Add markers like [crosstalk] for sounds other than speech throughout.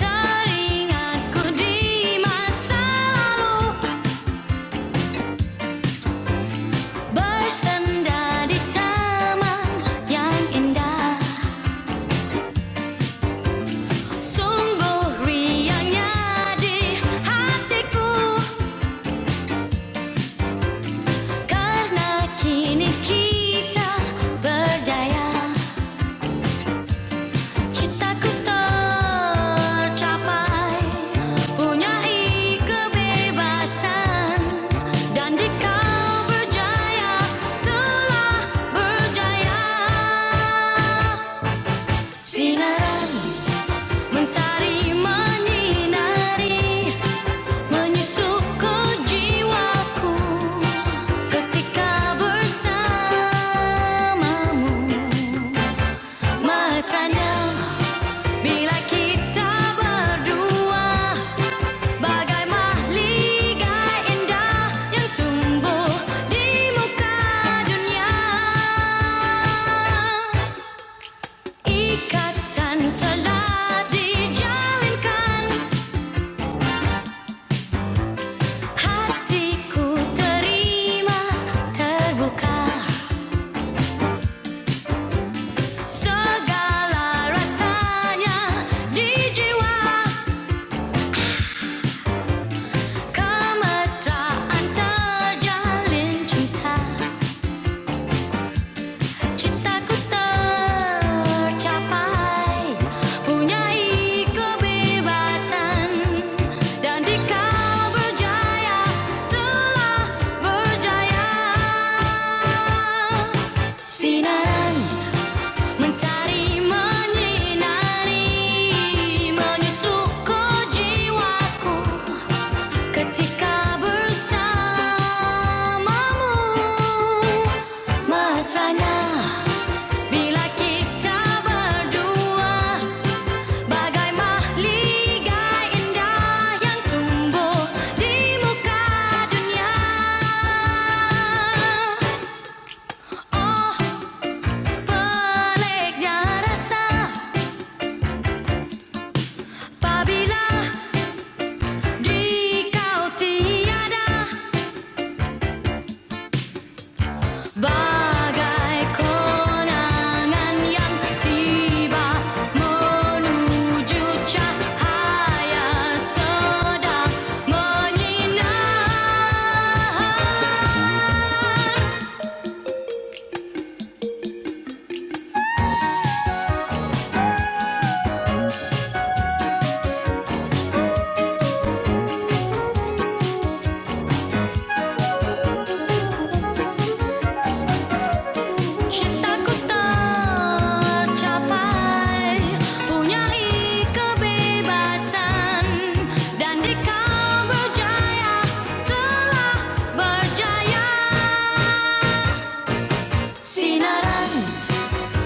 Teringatku di masa lalu bersenda di taman yang indah. Sungguh riangnya di hatiku karena kini kita berjaya. Citakuta tercapai, punya kebebasan, dan di kau berjaya telah berjaya. Sinaran mentari menyinari, menyusup ke jiwaku ketika bersamamu, Mas Randall. Bila kita berdua bagai mahliga indah yang tumbuh di muka dunia. Ikatan telah dijalinkan, hatiku terima terbuka segala rasanya di jiwa kemesraan terjalin cinta. Cintaku tercapai, punyai kebebasan, dan di kau berjaya telah berjaya. Sinaran mentari menyinari, menyusup jiwaku ketika bersamamu, mesranya. Bila kita berdua bagai mahligai indah yang tumbuh di muka dunia. Oh, peliknya rasa apabila di kau tiada 바갈 고난한 양 디바 모누주차 하야서다 머니나 시타쿠타 capai punya kebebasan dan dikau berjaya telah berjaya Sinaran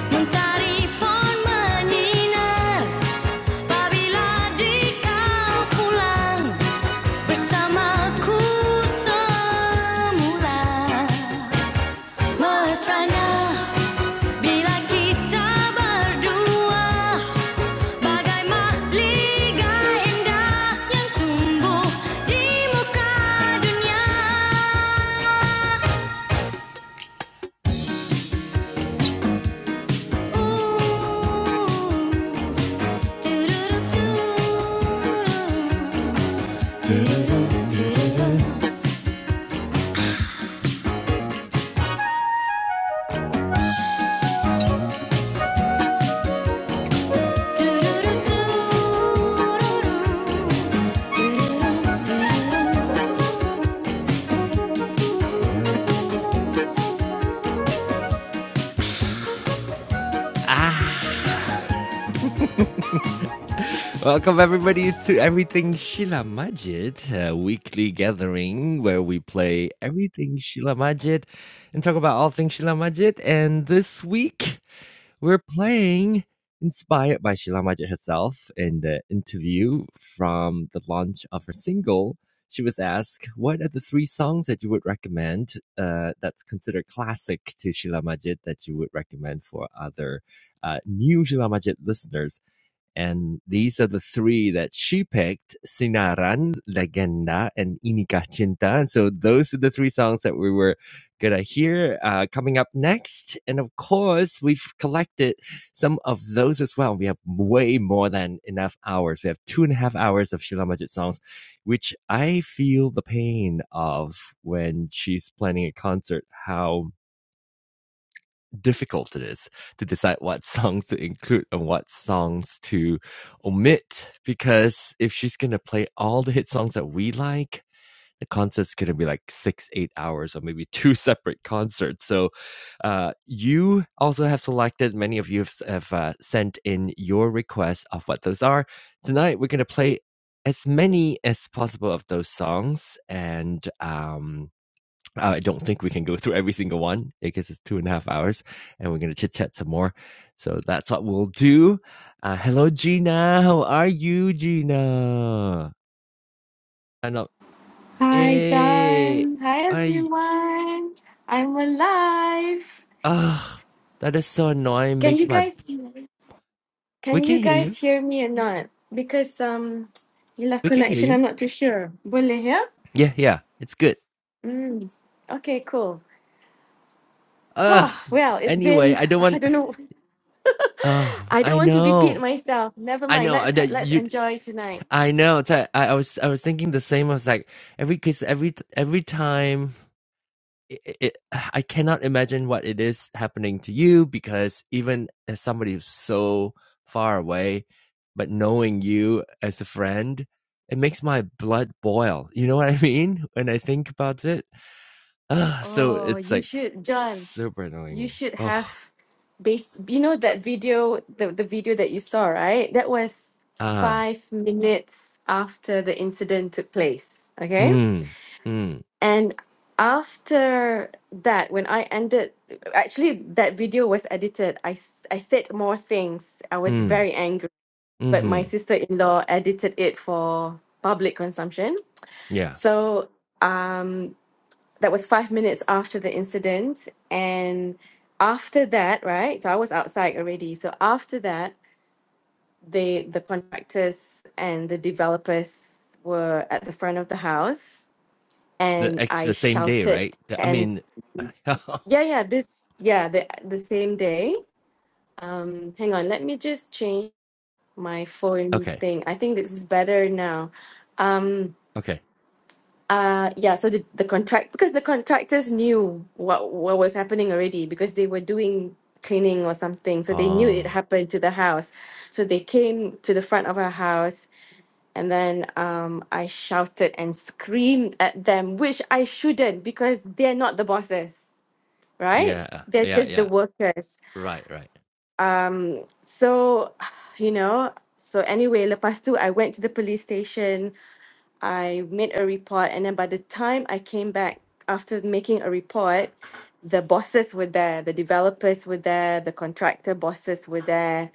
Mencari pohon menyinar Apabila di kau pulang Bersamaku semula Mesrana bila kita berdua Bagai mahligai indah Yang tumbuh di muka dunia Ooh, do do do do. Ah. Welcome, everybody, to Everything Sheila Majid, a weekly gathering where we play everything Sheila Majid and talk about all things Sheila Majid. And this week, we're playing inspired by Sheila Majid herself in the interview from the launch of her single. She was asked, What are the three songs that you would recommend uh, that's considered classic to Sheila Majid that you would recommend for other uh, new Sheila Majid listeners? And these are the three that she picked Sinaran, Legenda, and Inika Cinta. And so those are the three songs that we were going to hear uh, coming up next. And of course, we've collected some of those as well. We have way more than enough hours. We have two and a half hours of Sheila Majid songs, which I feel the pain of when she's planning a concert, how difficult it is to decide what [laughs] songs to include and what songs to omit because if she's gonna play all the hit songs that we like the concert's gonna be like six eight hours or maybe two [laughs] separate concerts so uh, you also have selected many of you have, have uh, sent in your requests of what those are tonight we're gonna play as many as possible of those songs and um, uh, I don't think we can go through every single one because it's two and a half hours and we're going to chit chat some more. So that's what we'll do. Uh, hello, Gina. How are you, Gina? And uh, Hi, Hey, John. Hi, I, everyone. I'm alive. ah, uh, that is so annoying. Can you Makes my, guys can we can you hear guys you. hear me or not? Because um, your We can hear connection, I'm you. not too sure. Boleh ya? Yeah, yeah, it's good. Mm. Okay, cool. [sighs] Uh, Oh, well, it's anyway, been I don't [laughs] I want, don't know. uh, I don't I want to repeat know. myself. Never I mind. know Let's uh, that let's you, enjoy tonight. I know. It's, like, I, I was, I was thinking the same. I was like, every, cause every, every time it, it, [sighs] I cannot imagine what it is happening to you because even as somebody who's so far away, but knowing you as a friend, it makes my blood boil. You know what I [laughs] mean? When I think about it, [sighs] ah, so Oh, it's you like should, John. super annoying you me. should Oh, have base you know that video the, the video that you saw right that was ah, five minutes after the incident took place okay mm, mm, and after that when i ended actually that video was edited i s- i said more things i was mm, very angry but my mm-hmm. sister-in-law edited it for public consumption Yeah, so um that was five minutes after the incident. And after that, right? So I was outside already. So after that, they the contractors and the developers were at the front of the house the and ex- I the same day, shouted right? The- I and mean, yeah, yeah, this yeah, the the same day. Um hang on, let me just change my [laughs] phone okay, thing. I think this is better now. Um okay. Uh yeah, so the the contract because the contractors knew what what was happening already because they were doing cleaning or something. So they knew it Oh, happened to the house. So they came to the front of our house and then um I shouted and screamed at them, which I shouldn't because they're not the bosses, right? yeah, They're yeah, just the yeah. workers. Right, right. Um so [sighs] you know, so anyway, lepas tu I went to the police station I made a report, and then by the time I came back after making a report, the bosses were there, the developers were there, the contractor bosses were there,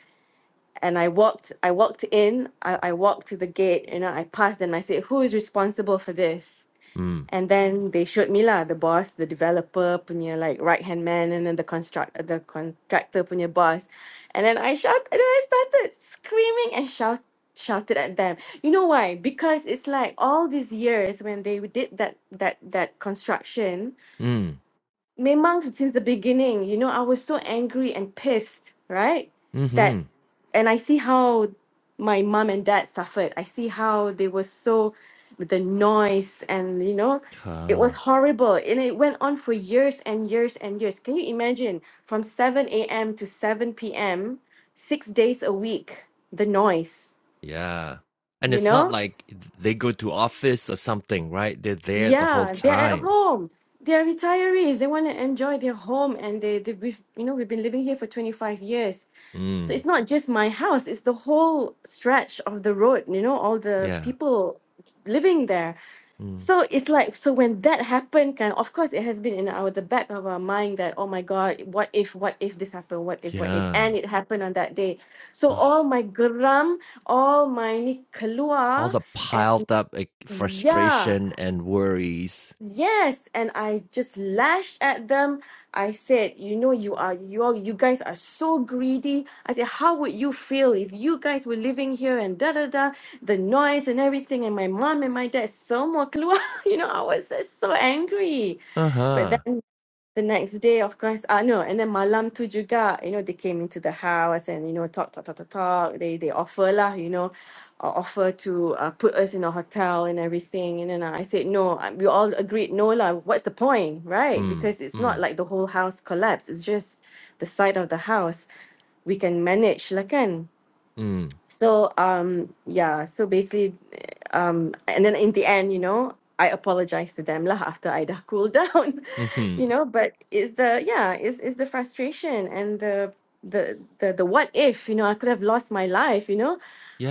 and I walked. I walked in. I, I walked to the gate. You know, I passed, and I said, "Who is responsible for this?" Mm. And then they showed me lah the boss, the developer punya like right hand man, and then the construct uh, the contractor punya boss, and then I shout and then I started screaming and shout shouted at them. You know why? Because it's like all these years when they did that that that construction, Mm. memang since the beginning, you know, I was so angry and pissed, right? That, Mhm. and I see how my mom and dad suffered. I see how they were so, with the noise and, you know, it Huh. was horrible. And it went on for years and years and years. Can you imagine from 7 a.m. to 7 p.m., six days a week, the noise, Yeah. And you it's not know? like th- they go to office or something, right? They're there the whole Yeah, they're at time. home. They're retirees. They want to enjoy their home, and they, they we've, you know, we've been living here for 25 years. So Mm. it's not just my house, it's the whole stretch of the road, you know, all the Yeah. people living there. Mm. So it's like, so when that happened, kind of course, it has been in our the back of our mind that, oh my God, what if, what if this happened, what if, what if, and Yeah. it happened on that day. So all Ugh. my geram, all my ni All keluar, the and piled up like, yeah frustration and worries. Yes, and I just lashed at them. I said, "You know, you are you all you guys are so greedy." I said, "How would you feel if you guys were living here and da da da, the noise and everything?" And my mom and my dad semua keluar. [laughs] You know, I was just so angry. Uh But huh. then the next day, of course, uh, no, and then malam tu juga, you know, they came into the house and, you know, talk, talk, talk, talk, talk. They, they offer lah, you know, uh, offer to uh, put us in a hotel and everything. And then uh, I said, no, uh, we all agreed, no lah, what's the point, right? Mm. Because it's not Mm. like the whole house collapsed. It's just the side of the house. We can manage lah kan. Mm. So um yeah, so basically um and then in the end, you know, I apologized to them lah [laughs] after I dah cooled down, [laughs] Hmm. you know, but it's the yeah, it's it's the frustration and the the the the what if, you know, I could have lost my life, you know,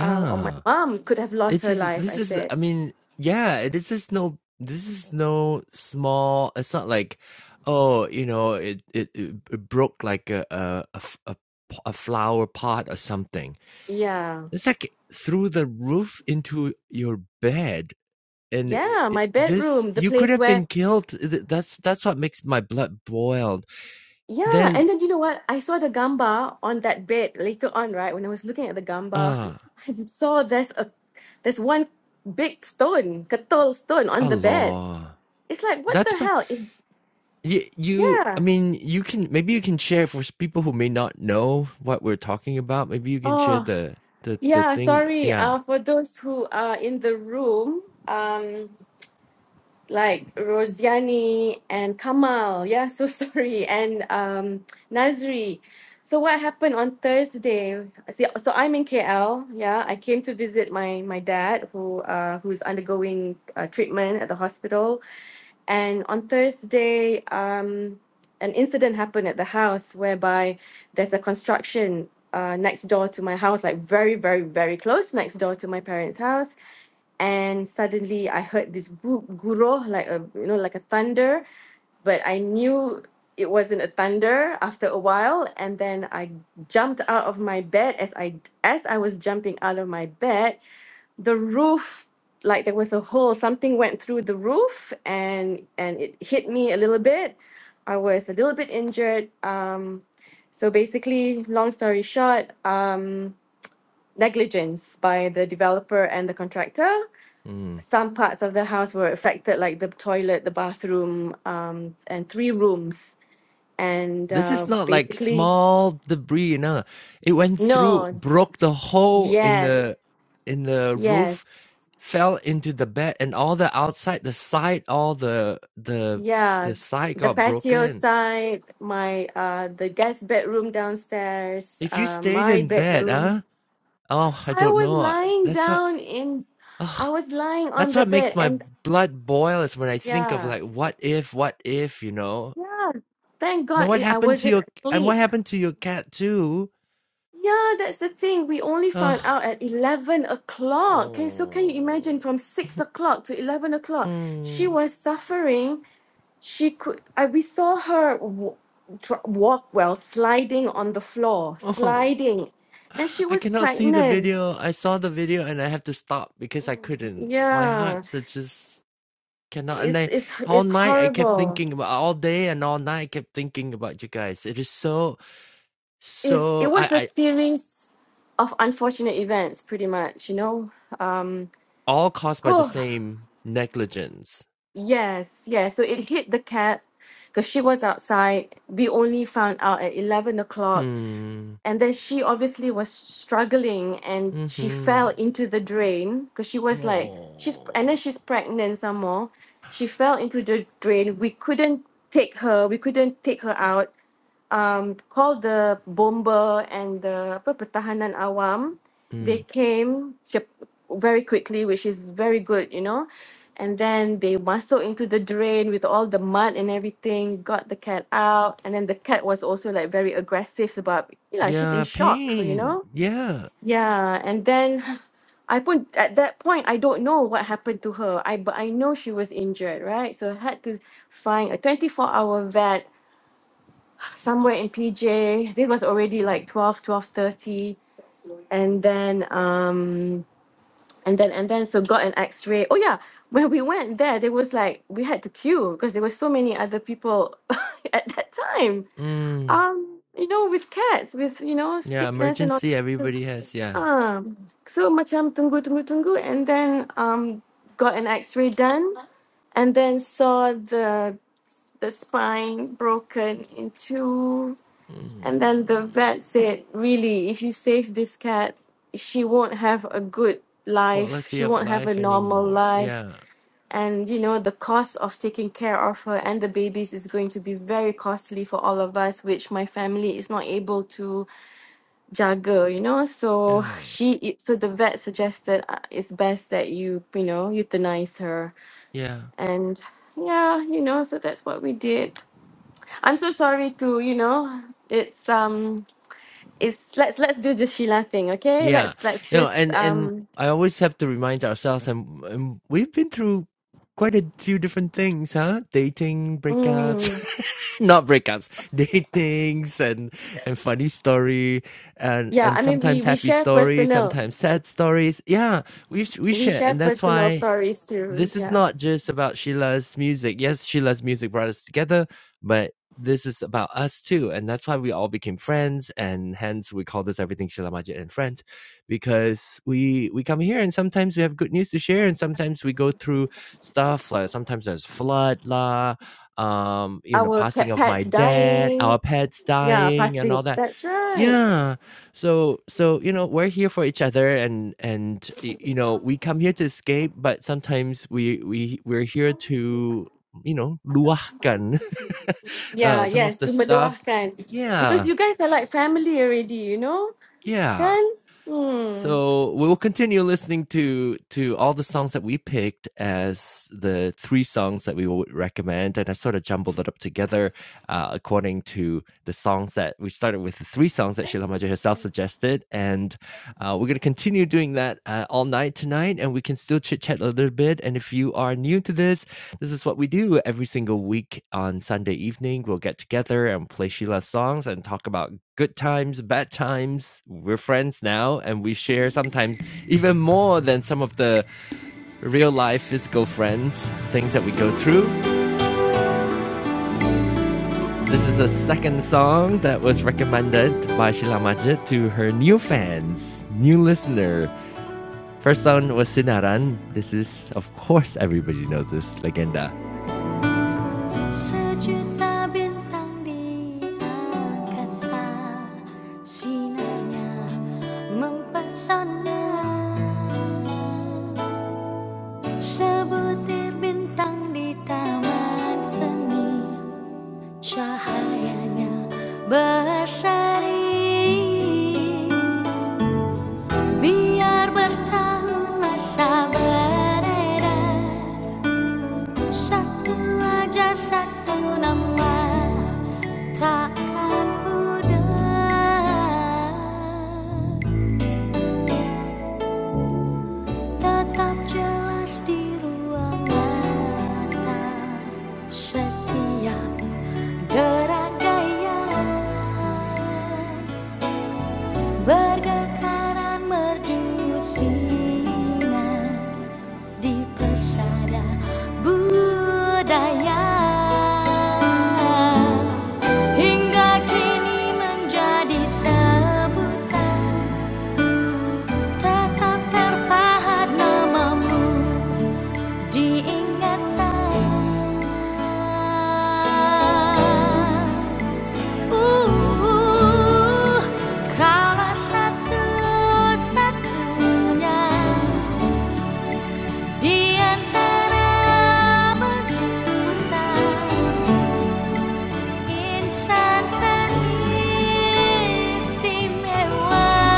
uh, or my mom could have lost It's her just life, I this is said. I mean, yeah, this is no this is no small it's not like, oh, you know, it it, it it broke like a a, a f- a p- a flower pot or something. Yeah. It's like through the roof into your bed. And i Yeah, i my this, bedroom, the you could place have where been killed. Th- That's that's what makes my blood boiled. Yeah, and Then, then you know what? I saw the gamba on that bed later on, right? When I was looking at the gamba, ah, [laughs] I saw there's a there's one big stone, katul stone on the bed. Allah. It's like what the That's hell? If You, you, I yeah. mean, you can maybe you can share for s- people who may not know what we're talking about. Maybe you can share Oh, the the the yeah, thing. sorry. Yeah, Uh for those who are in the room, um like Rosiani and Kamal. Yeah, so [laughs] sorry. And um, Nazri. So what happened on Thursday? See, so I'm in KL. Yeah, I came to visit my my dad who uh, who's undergoing uh, treatment at the hospital. And on Thursday, um, an incident happened at the house whereby there's a construction uh, next door to my house, like very, very, very close next door to my parents' house and suddenly I heard this gu- guruh like a you know like a thunder, but I knew it wasn't a thunder after a while and then I jumped out of my bed as I as I was jumping out of my bed, the roof like there was a hole something went through the roof and and it hit me a little bit. I was a little bit injured um so basically long story short um negligence by the developer and the contractor mm. some parts of the house were affected, like the toilet, the bathroom, um, and three rooms. And this is uh, not like basically, small debris. You know, it went through, no, broke the hole in yes, the in the yes, roof, fell into the bed, and all the outside, the side, all the the yeah. the side The got patio broken. side, my uh, the guest bedroom downstairs, If you uh, stayed my in bed, bedroom. huh? Oh, I I don't was know. lying That's what. down in, [sighs] I was lying on That's the what makes bed, my and blood boil is when I think of yeah, like what if, what if, you know. yeah. Thank Now God what it, I happened to wasn't your and what asleep. happened to your cat too? Yeah, that's the thing. We only Ugh. found out at 11 o'clock. Okay, so can you imagine oh. from [laughs] 6 o'clock to 11 o'clock? She Mm. was suffering. She could, I, we saw her w- dr- walk well, sliding on the floor, Oh. sliding. And she I was cannot see the pregnant. video. I saw the video and I have to stop because I couldn't. My heart Yeah, is just cannot and it's, I it's, all it's night I kept horrible. thinking about all day and all night I kept thinking about you guys. It is so It's, it so was a I, I series of unfortunate events, pretty much, you know. Um, all caused by the [sighs] same negligence Yes, yes. So it hit the cat because she was outside. We only found out at 11 o'clock. Hmm. And then she obviously was struggling and she fell Mhm. into the drain because she was like, she's, and then Oh. she's pregnant some more. She fell into the drain. We couldn't take her, we couldn't take her out um, called the bomber and the apa, pertahanan awam. They Mm. came cep- very quickly, which is very good, you know. And then they muscled into the drain with all the mud and everything, got the cat out. And then the cat was also like very aggressive sebab, you know, she's in Yeah, shock, you pain. know. Yeah. Yeah, and then [laughs] [sighs] I put at that point I don't know what happened to her. I but I know she was injured, right? So I had to find a 24 hour vet somewhere in PJ. This was already like twelve, twelve thirty, And then, um, and then, and then, so got an x-ray. Oh yeah, when we went there, there was like, we had to queue because there were so many other people [laughs] at that time. Mm. Um, you know, with cats, with, you know, Yeah, sickness and all that. emergency everybody has, yeah. Ah, so macam tunggu, tunggu, tunggu. And then, um, got an x-ray done and then saw the, the spine broken in two And then the vet Mm. said, really, if you save this cat, she won't have a good life. Quality She of won't have a life normal anymore. life. Yeah. And, you know, the cost of taking care of her and the babies is going to be very costly for all of us, which my family is not able to juggle, you know? So Yeah. she, so the vet suggested uh, it's best that you, you know, euthanize her. Yeah. And yeah, you know, so that's what we did. I'm so sorry to, you know, it's, um, it's let's let's do the Sheila thing, okay? Yeah. Let's let's No, just and and um I always have to remind ourselves, and, and we've been through quite a few different things, huh? Dating, breakups, mm, [laughs] not breakups, datings, and and funny story, and yeah, and I mean we sometimes we happy share stories, personal sometimes sad stories. Yeah, we we we share, share and that's personal why. stories too. This is Yeah. not just about Sheila's music. Yes, Sheila's music brought us together, but this is about us too. And that's why we all became friends. And hence we call this everything Sheila Majid and Friends. Because we we come here and sometimes we have good news to share and sometimes we go through stuff like sometimes there's flood lah, um, you know, Our passing cat of pets my dad, dying. our pets Yeah, dying and all passing. that That's right. yeah. So so you know, we're here for each other and and y- you know, we come here to escape, but sometimes we we we're here to, you know, luahkan [laughs] Yeah, uh some of yes, the to stuff. mendoakan. Because Yeah. you guys are like family already, you know? Yeah. Kan? Hmm. So we will continue listening to to all the songs that we picked as the three songs that we would recommend, and I sort of jumbled it up together uh, according to the songs that we started with the three songs that Sheila Majid herself suggested. And uh, we're going to continue doing that uh, all night tonight. And we can still chit chat a little bit. And if you are new to this, this is what we do every single week on Sunday evening. We'll get together and play Sheila's songs and talk about good times, bad times. We're friends now. And we share sometimes even more than some of the real life physical friends, things that we go through. This is the second song that was recommended by Sheila Majid to her new fans, new listener. First song was Sinaran. This is, of course, everybody knows this, Legenda. Sejuta bintang di angkasa Sinarnya mempesona Sebutir bintang di taman seni Cahayanya berseri Biar bertahun masa beredar Satu wajah satu nama Takkan pudar Tetap jelas di ruang mata Setiap gerak gaya Bergetaran merdu sinar di pesada budaya Hingga kini menjadi sebutan Tetap terpahat namamu diingatan uh, kaulah satu-satunya di antara berjuta insan teristimewa.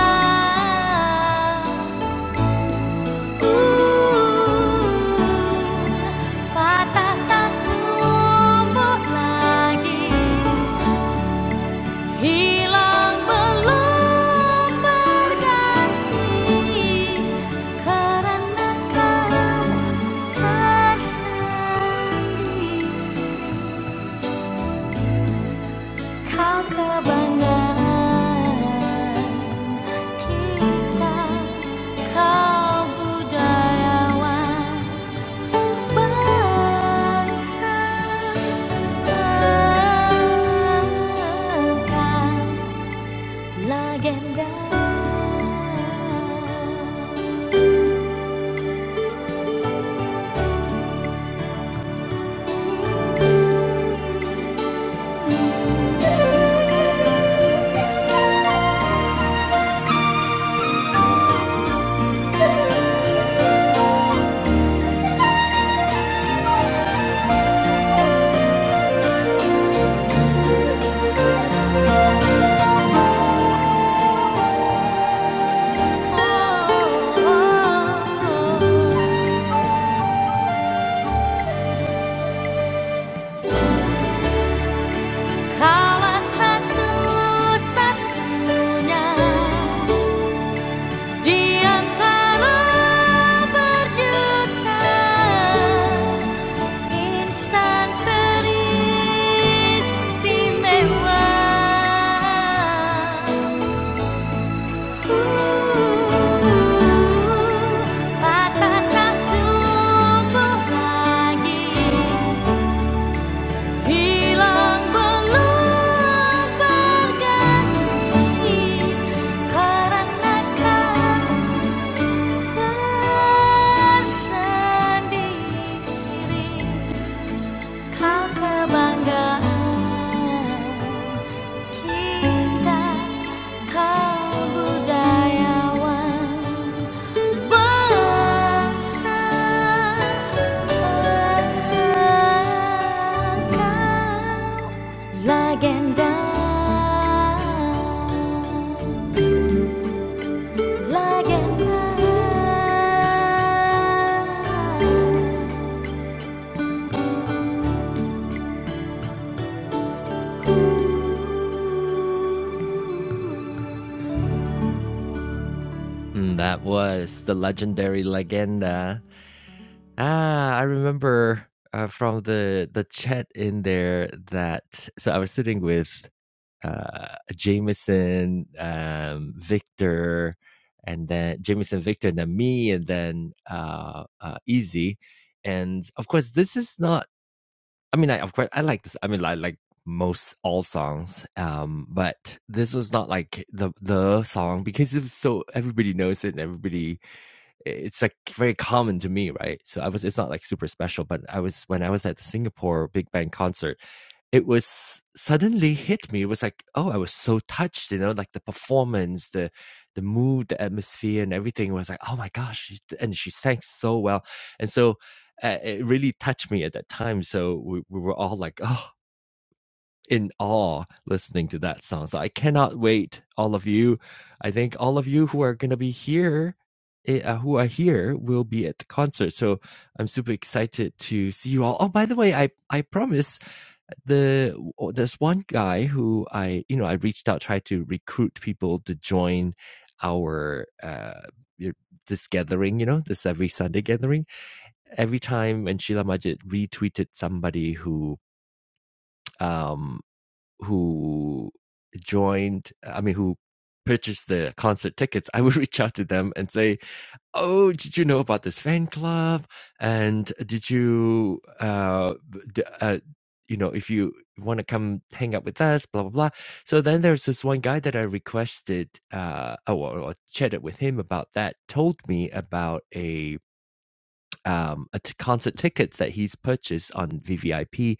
Uh, patah tak tumbuh lagi. hilang belum berganti karena kau tersendiri kau kebanggaan kita kau budayawan bangsa bangga Legenda. Kala satu-satunya di antara berjuta insan teristimewa. tersendiri Kau kebanggaan kita kau budayawan bangsa Bangga, Kau legenda legenda Mm, that was the legendary Legenda. Ah, I remember uh, from the the chat in there that so I was sitting with uh Jameson, um, Victor, and then Jameson, Victor, and then me, and then uh, uh Easy. And of course, this is not I mean, I of course I like this. I mean, I like most all songs, um, but this was not like the the song because it was so everybody knows it and everybody it's like very common to me, right? So I was it's not like super special, but I was when I was at the Singapore Big Bang concert, it was suddenly hit me. It was like, oh, I was so touched, you know, like the performance, the the mood, the atmosphere, and everything. It was like, oh my gosh, and she sang so well, and so uh, it really touched me at that time. So we, we were all like, oh, in awe, listening to that song. So I cannot wait, all of you. I think all of you who are gonna be here. eh, Uh, who are here will be at the concert, so I'm super excited to see you all. Oh, by the way, I I promise the there's one guy who I you know I reached out tried to recruit people to join our uh this gathering you know this every Sunday gathering every time when Sheila Majid retweeted somebody who um who joined I mean who purchased the concert tickets I would [laughs] reach out to them and say oh, did you know about this fan club? And did you, uh, d- uh you know, if you want to come hang out with us, blah blah blah. So then there's this one guy that I requested, uh, oh, or, or chatted with him about that. Told me about a um, a t- concert tickets that he's purchased on VVIP,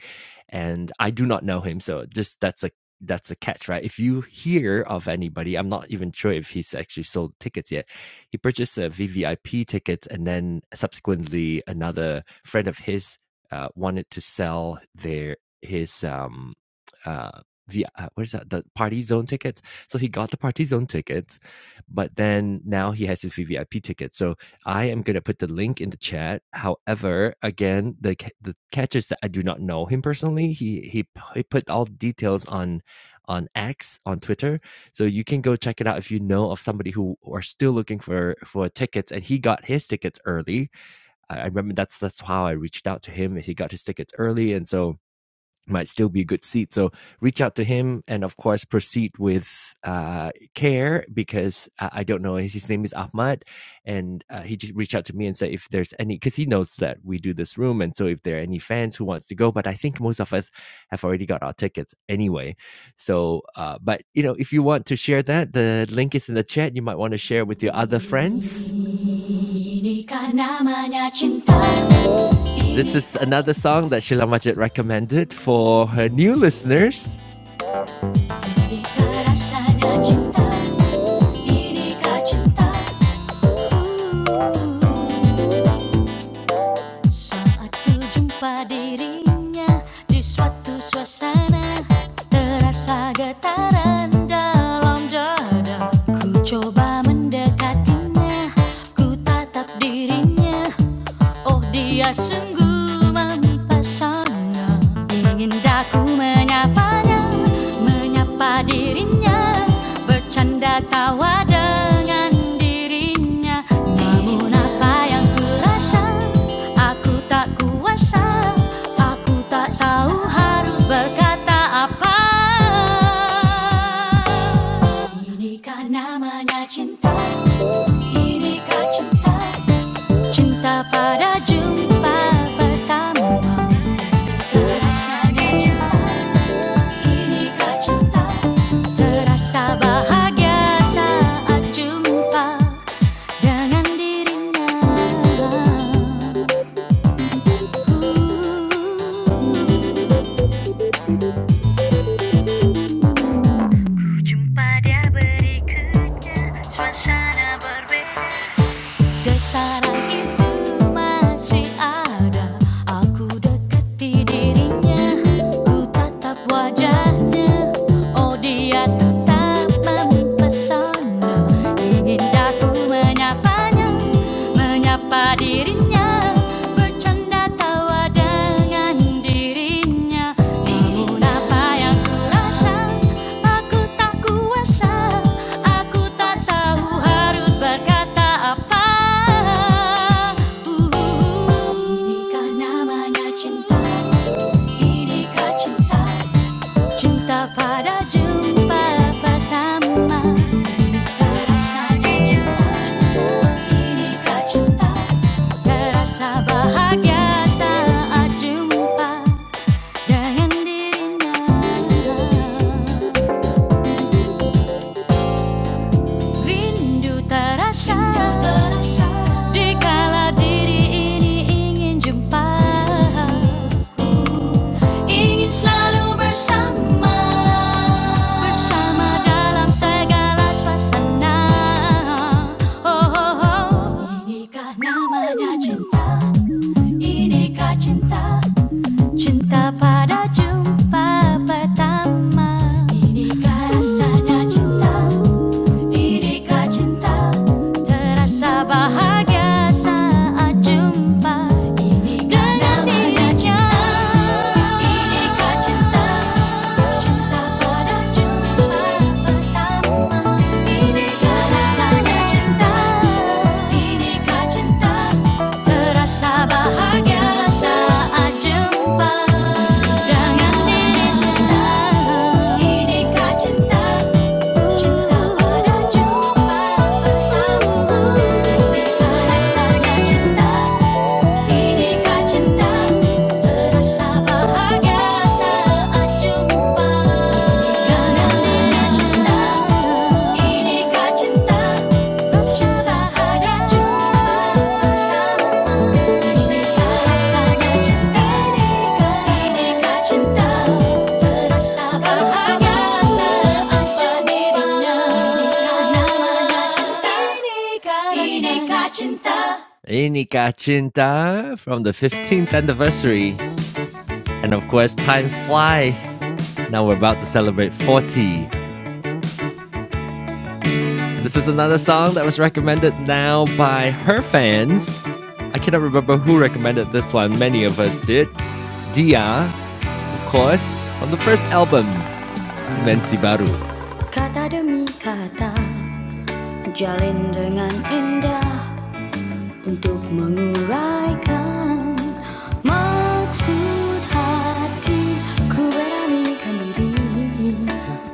and I do not know him. So just that's a that's a catch, right? If you hear of anybody, I'm not even sure if he's actually sold tickets yet. He purchased a VVIP ticket, and then subsequently another friend of his uh, wanted to sell their his um uh, v, uh what is that the party zone tickets. So he got the party zone tickets, but then now he has his VVIP ticket. So I am going to put the link in the chat. However, again, the ca- the catch is that I do not know him personally. He he p- he put all the details on on X on Twitter, so you can go check it out if you know of somebody who are still looking for for tickets. And he got his tickets early. I, I remember that's that's how I reached out to him. He got his tickets early, and so might still be a good seat. So reach out to him and, of course, proceed with uh, care because uh, I don't know. His, his name is Ahmad. And uh, he just reached out to me and said if there's any, because he knows that we do this room. And so if there are any fans who wants to go, but I think most of us have already got our tickets anyway. So, uh, but, you know, if you want to share that, the link is in the chat. You might want to share with your other friends this is another song that Sheila Majid recommended for her new listeners. coba mendekatinya, ku tatap dirinya, Oh dia sungguh mempesona Ingin daku menyapanya Menyapa dirinya Bercanda tawa dengan dirinya Namun apa yang kurasa Aku tak kuasa Aku tak tahu harus berkata apa Inikah namanya cinta Inikah cinta Cinta pada jumpa pertama Terasanya cinta Inikah cinta Terasa bahagia saat jumpa Dengan dirinya Ujung pada berikutnya suasana berbeda Getaran itu masih ada Aku deketi dirinya Ku tatap wajahnya Oh dia tetap mempesona Ingin aku menyapanya Menyapa dirinya bercanda tawa namanya cinta, inikah cinta Cinta pada jumpa pertama Rasanya jiwa ini kah Terasa bahagia saat jumpa dengan dirinya Rindu terasa Dikala diri ini ingin jumpa Ingin selalu bersama Bersama dalam segala suasana Oh, oh, oh. Inikah namanya cinta Inikah cinta Cinta pada jumpa pertama Inikah rasanya cinta Inikah cinta Terasa bahagia saat jumpa Inikah namanya cinta Inikah cinta Cinta pada jumpa pertama Binigyan sa lesyenda Binigyan cinta Terasa bahagia saat jumpa Dengan diri cinta Binigyan cinta Cinta pada jumpa Bertemu Terasa cinta Inikah cinta terasa bahagia saat jumpa. Inikah cinta, inikah cinta bercurahada jumpa pertama. rasanya cinta, inikah cinta terasa bahagia saat jumpa. Inikah namanya cinta, inikah cinta. Inika Chinta from the 15th anniversary. And of course, time flies. Now we're about to celebrate 40. This is another song that was recommended now by her fans. I cannot remember who recommended this one, many of us did. Dia, of course, from the first album, Mensi Baru. Kata demi kata Jalin dengan indah untuk menguraikan maksud hati ku beranikan diri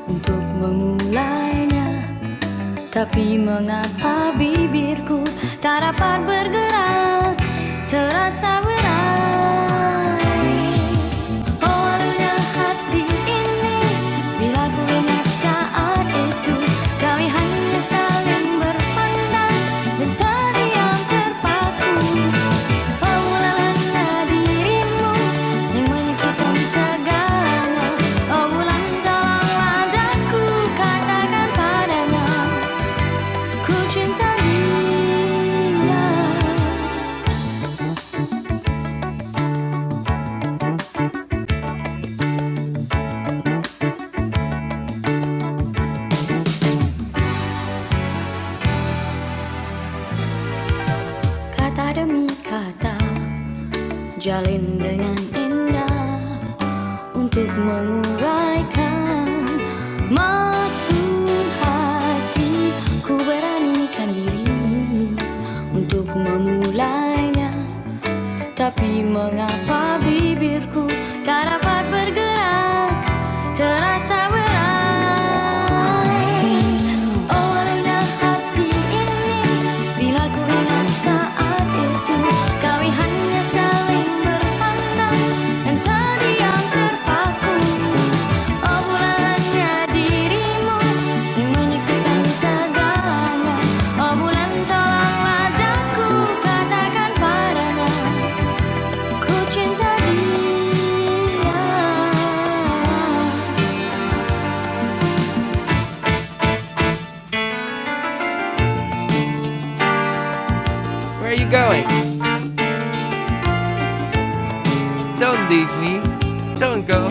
untuk memulainya Tapi mengapa bibirku tak dapat bergerak Terasa berat Oh alunya hati ini Bila ku ingat saat itu Kami hanya saling berpandang Dan terdiam terpaku Pemulaan dirimu yang menciptakan segalanya. Oh bulan dalam ladaku katakan padanya. 그진 Kata demi kata Jalin dengan indah Untuk menguraikan Maksud hati Ku beranikan diri Untuk memulainya Tapi mengapa bibirku tak dapat bergerak Terasa berat Oh rendah hati ini Bila ku ingat saat itu Kami hanya saling berpandang Dan terdiam terpaku Oh bulannya dirimu Yang menyaksikan segalanya Oh bulan tolonglah daku Katakan padanya where are you going? Don't leave me. Don't go.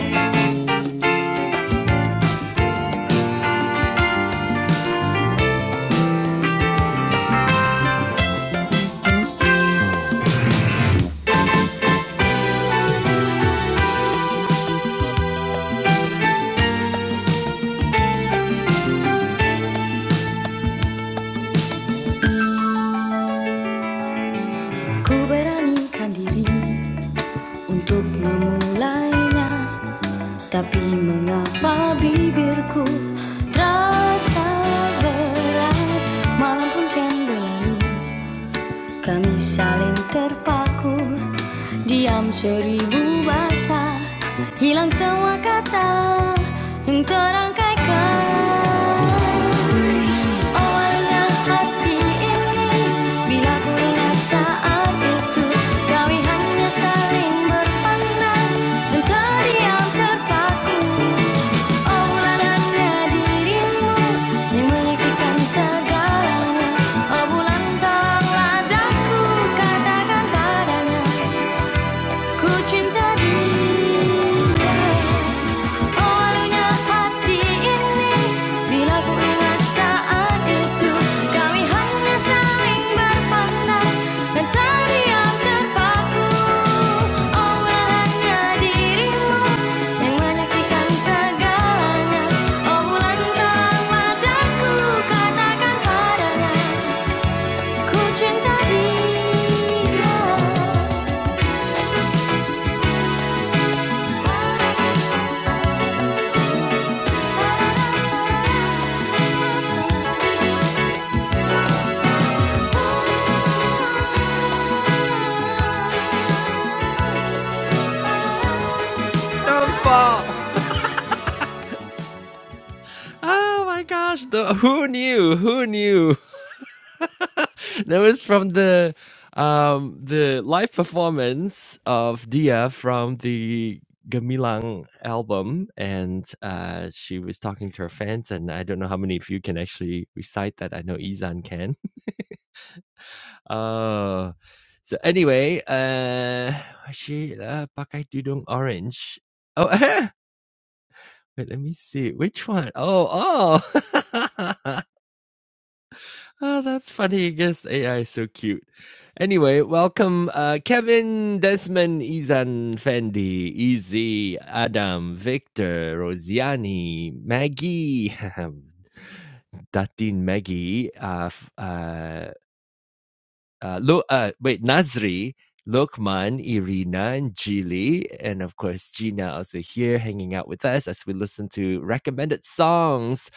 Ku beranikan diri untuk memulainya Tapi mengapa bibirku terasa berat Malam pun kian berlalu Kami saling terpaku Diam seribu bahasa Hilang semua kata Yang terangkaikan Awalnya hati ini Bila ku saat itu Kami saling berpandang Dan terdiam terpaku Obrolan dirimu Yang menyaksikan segalanya Oh bulan Katakan padanya Ku cinta dia Olehnya hati ini Bila ku ingat saat itu Kami hanya saling berpandang Dan terdiam terpaku Oleh hanya dirimu Yang menyaksikan segalanya Oh bulan terang Katakan padanya Ku cinta dia Don't fall. Oh my gosh. The who knew? Who knew? [laughs] that was from the um the live performance of Dia from the Gemilang album and uh she was talking to her fans and I don't know how many of you can actually recite that. I know Izan can. [laughs] Uh so anyway, uh she uh pakai tudung orange. Oh [laughs] Wait, let me see. Which one? Oh, oh. [laughs] oh, that's funny. I guess AI is so cute. Anyway, welcome uh, Kevin, Desmond, Izan, Fendi, Easy, Adam, Victor, Rosiani, Maggie, [laughs] Datin Maggie, uh, uh, uh, Lu- uh, wait, Nazri, Lokman, Irina, and Jili, and of course Gina also here hanging out with us as we listen to recommended songs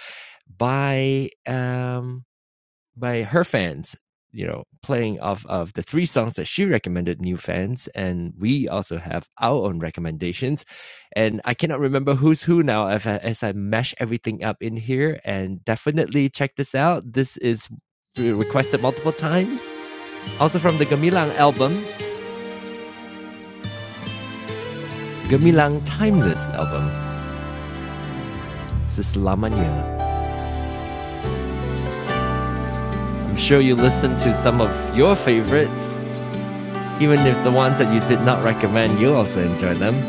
by um by her fans. You know, playing off of the three songs that she recommended new fans, and we also have our own recommendations. And I cannot remember who's who now if I- as I mash everything up in here. And definitely check this out. This is requested multiple times also from the Gemilang album, Gemilang Timeless album, this is Lamanya. I'm sure you listened to some of your favorites. Even if the ones that you did not recommend, you also enjoy them.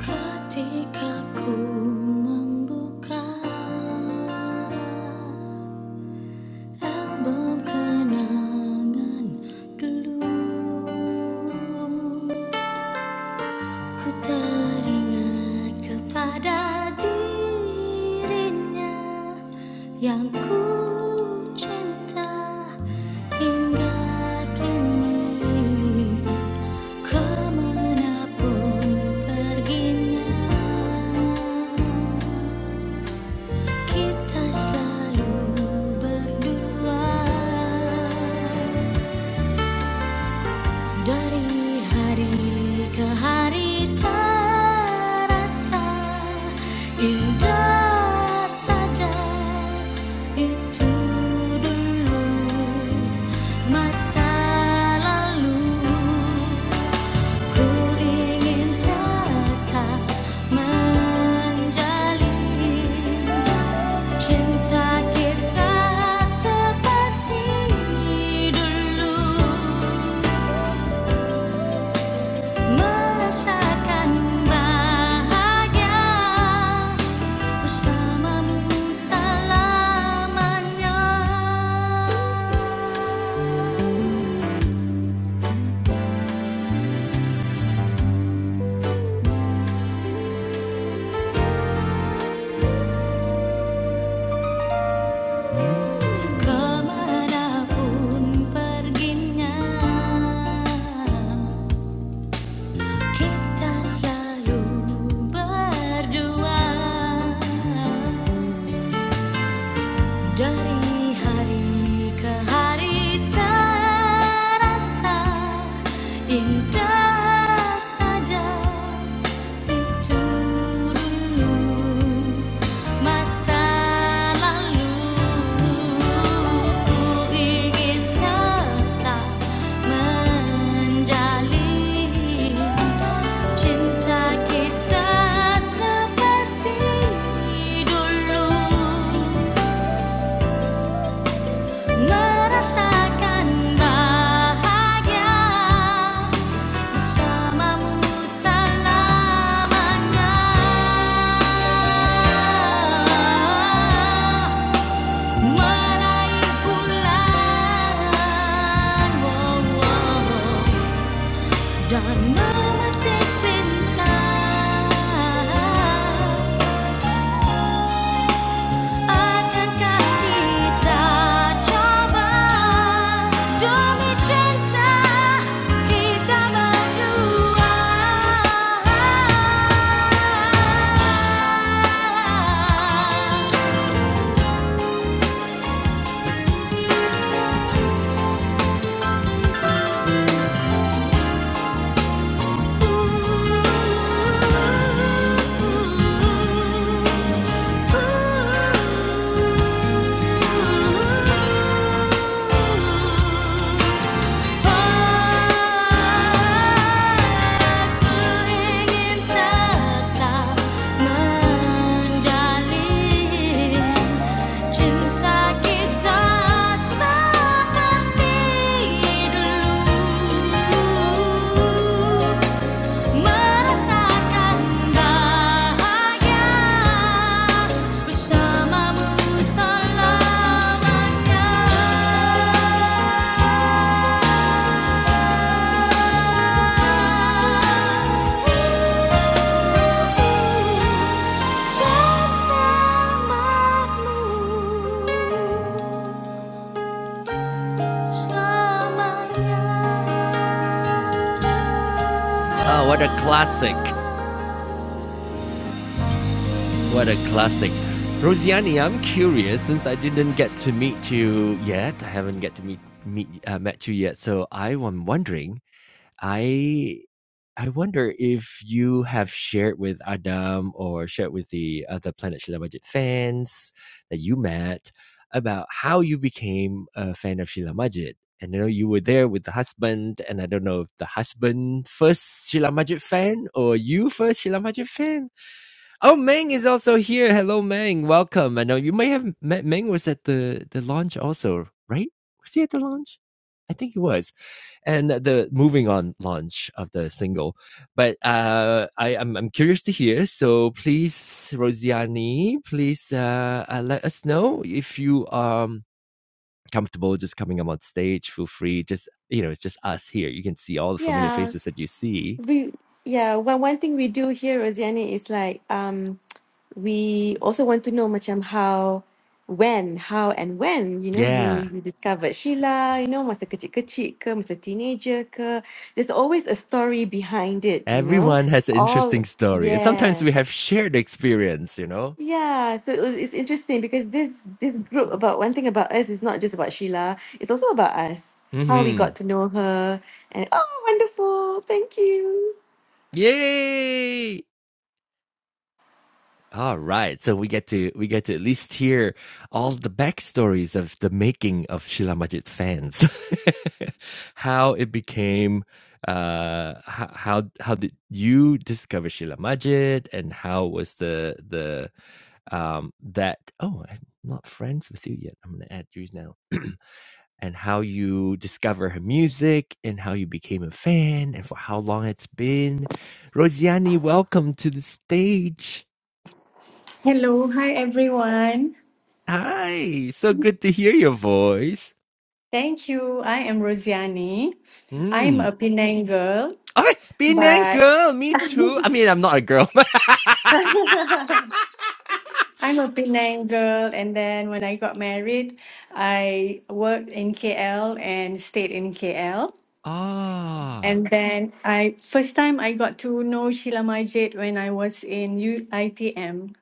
Ketika Ku teringat kepada dirinya yang ku cinta hingga kini kemanapun perginya kita selalu berdua. Dari hari ke hari terasa indah saja itu dulu masa lalu ku ingin tetap menjalin cinta kita seperti dulu. Merasakan bahagia bersamamu selamanya. Kemanapun perginya, kita selalu berdua. Dari hari ke hari terasa indah saja itu dulu masa lalu ku ingin tetap menjalin cinta kita seperti dulu. Merasakan bahagia bersamamu selamanya. Meraih bulan, wow, wow, dan memetik bintang. Akankah kita coba demi cinta kita berdua? Ooh, ooh, ooh, ooh. Bersamamu selamanya Oh, what a classic. What a classic. Rosiani, I'm curious since I didn't get to meet you yet. I haven't get to meet, meet uh, met you yet. So I am wondering, I I wonder if you have shared with Adam or shared with the other Planet Shila Majid fans that you met about how you became a fan of Shila Majid. And I know you were there with the husband, and I don't know if the husband first Shila Majid fan or you first Shila Majid fan. Oh, Meng is also here. Hello, Meng. Welcome. I know you may have met Meng was at the, the launch also, right? Was he at the launch? I think he was. And the moving on launch of the single. But uh, I, I'm, I'm curious to hear. So please, Rosiani, please uh, uh, let us know if you are comfortable just coming up on stage. Feel free. Just, you know, it's just us here. You can see all the familiar Yeah. faces that you see. We yeah, one one thing we do here, Rosiani, is like um we also want to know macam how when how and when you know you Yeah. you discovered Sheila you know masa kecil-kecil ke masa teenager ke there's always a story behind it you know Everyone has an interesting all story, and sometimes we have yes shared experience. You know. yeah so it was- it's interesting because this this group about one thing about us is not just about Sheila it's also about us how we Hmm. got to know her and oh wonderful thank you Yay! All right, so we get to we get to at least hear all the backstories of the making of Sheila Majid fans, [laughs] how it became, uh, how how did you discover Sheila Majid, and how was the the um that oh I'm not friends with you yet. I'm gonna add you now. [clears throat] and how you discover her music and how you became a fan and for how long it's been. Rosiani, welcome to the stage. Hello, hi everyone. Hi, so good to hear your voice. Thank you. I am Rosiani. I'm Mm. a Penang girl, Oh, Penang but girl, me too. I mean, I'm not a girl. [laughs] [laughs] I'm a Penang girl. And then when I got married, I worked in KL and stayed in KL. ah, And then I first time I got to know Sheila Majid when I was in U- ITM.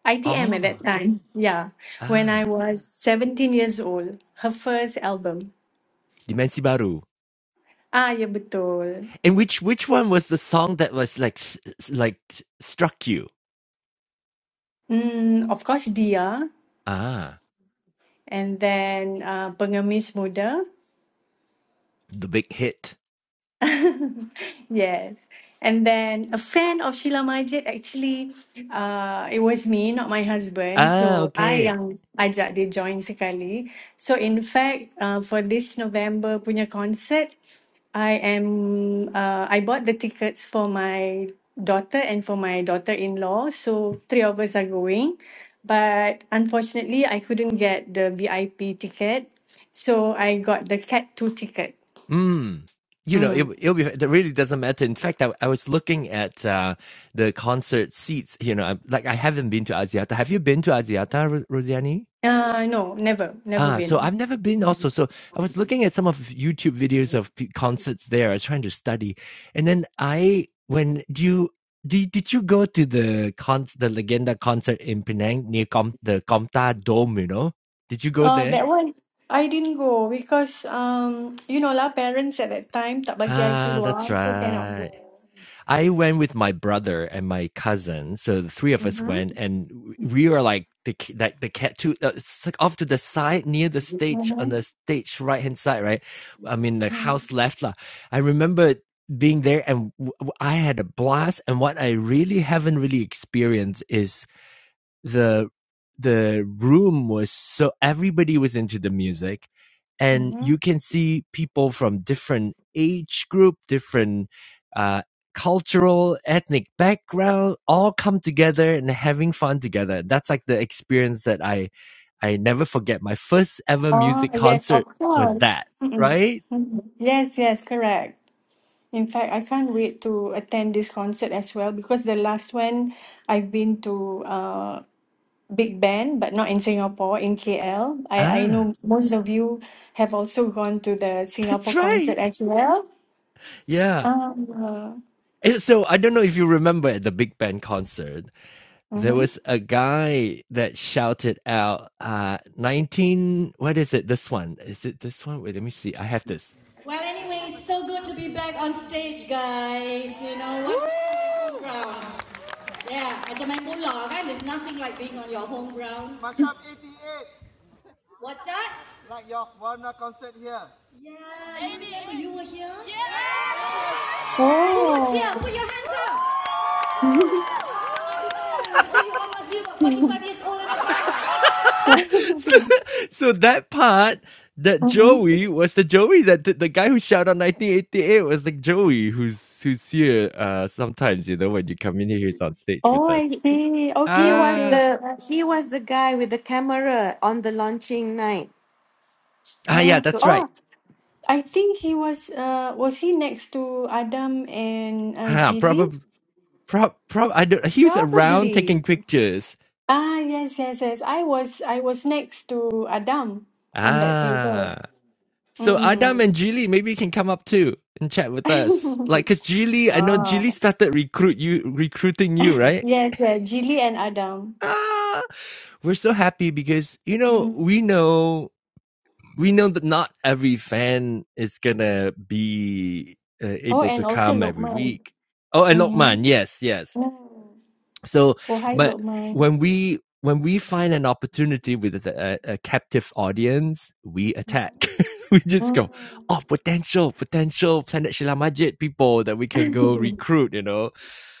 ITM at that ah, time. Yeah. When I ah. was 17 years old. Her first album. Dimensi Baru. Ah, ya betul. And which which one was the song that was like s- s- like s- struck you? Mm, of course, Dia, Ah, and then uh, Pengemis Muda. the big hit. [laughs] Yes. And then a fan of Sheila Majid, actually, uh, it was me, not my husband. Ah, So I okay. yang ajak dia join sekali. So in fact, uh, for this November punya concert, I am uh, I bought the tickets for my daughter and for my daughter-in-law, so three of us are going. But unfortunately, I couldn't get the VIP ticket, so I got the Cat 2 ticket. Mm. You know, it Mm. it'll be it really doesn't matter. In fact, I, I was looking at uh, the concert seats. You know, I'm, like I haven't been to Asiata. Have you been to Asiata, Ro- Rosiani? Uh, no, never, never Ah, so been. I've never been also. So I was looking at some of YouTube videos of p- concerts there. I was trying to study, and then I when do you did, did you go to the con the Legenda concert in Penang near Com- the Comta Dome? You know, did you go Uh, there? that one, I didn't go because, um, you know lah, parents at that time tak bagi I Ah, that's keluar, so cannot right. go. I went with my brother and my cousin, so the three of us Mm-hmm. went, and we were like the ki- that the cat two uh, it's like off to the side near the stage on the stage right hand side, right? I mean the house left lah. I remember being there, and w- w- I had a blast. And what I really haven't really experienced is the the room was so everybody was into the music and Mm-hmm. you can see people from different age group different uh, cultural ethnic background all come together and having fun together that's like the experience that i i never forget my first ever Oh, music yes, of concert was course. that Mm-mm. right Mm-mm. Yes, yes, correct. In fact, I can't wait to attend this concert as well because the last one I've been to uh Big Band, but not in Singapore, in KL. I I ah know most of you have also gone to the [laughs] that's Singapore concert right as well. yeah Um, uh, And so i don't know if you remember at the big band concert there mhm. was a guy that shouted out uh 19 what is it this one is it this one wait let me see i have this Well, anyway, it's so good to be back on stage, guys. You know, what home ground. Yeah, macam main bola kan. There's nothing like being on your home ground. What's that? Yeah, you remember you were here? Yeah! Who was here? Oh. Put your hands up! [laughs] [laughs] so you all must be about 45 years old and So that part, that Mm-mm. Joey was the Joey that the, the guy who shouted out 1988 was like Joey, who's who's here uh sometimes, you know, when you come in here, he's on stage Oh, with I us. he, see. he Okay, was Ah, okay. the Uh, he was the guy with the camera on the launching night ah, yeah, Oh, that's So oh. right. I think he was uh was he next to Adam and uh, Ah, Jilly? probably, prob, prob. I don't. He was around taking Probably. pictures. Ah yes yes yes. I was I was next to Adam on that table. Ah, so Adam Mm. and Julie, maybe you can come up too and chat with us. Like, [laughs] cause Julie, I know ah. Julie started recruit you, recruiting you, [laughs] right? Yes, yeah, Jilly and Adam. Ah, we're so happy because you know Mm. we know we know that not every fan is gonna be uh, Oh, able and to also come every Lokman. week. Oh, and Mm-hmm. Lokman, yes, yes. Mm. So, Oh, hi but Lokman. when we when we find an opportunity with a, a captive audience, we attack. [laughs] we Mm. just go, oh, potential, potential Planet Shila Majid people that we can go [laughs] recruit, you know.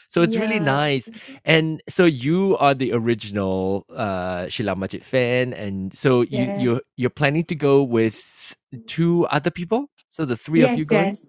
So it's really Yeah, nice. And so you are the original uh Shila Majid fan and so you yeah. you you're planning to go with two other people? So the three of you Yes, going? yes.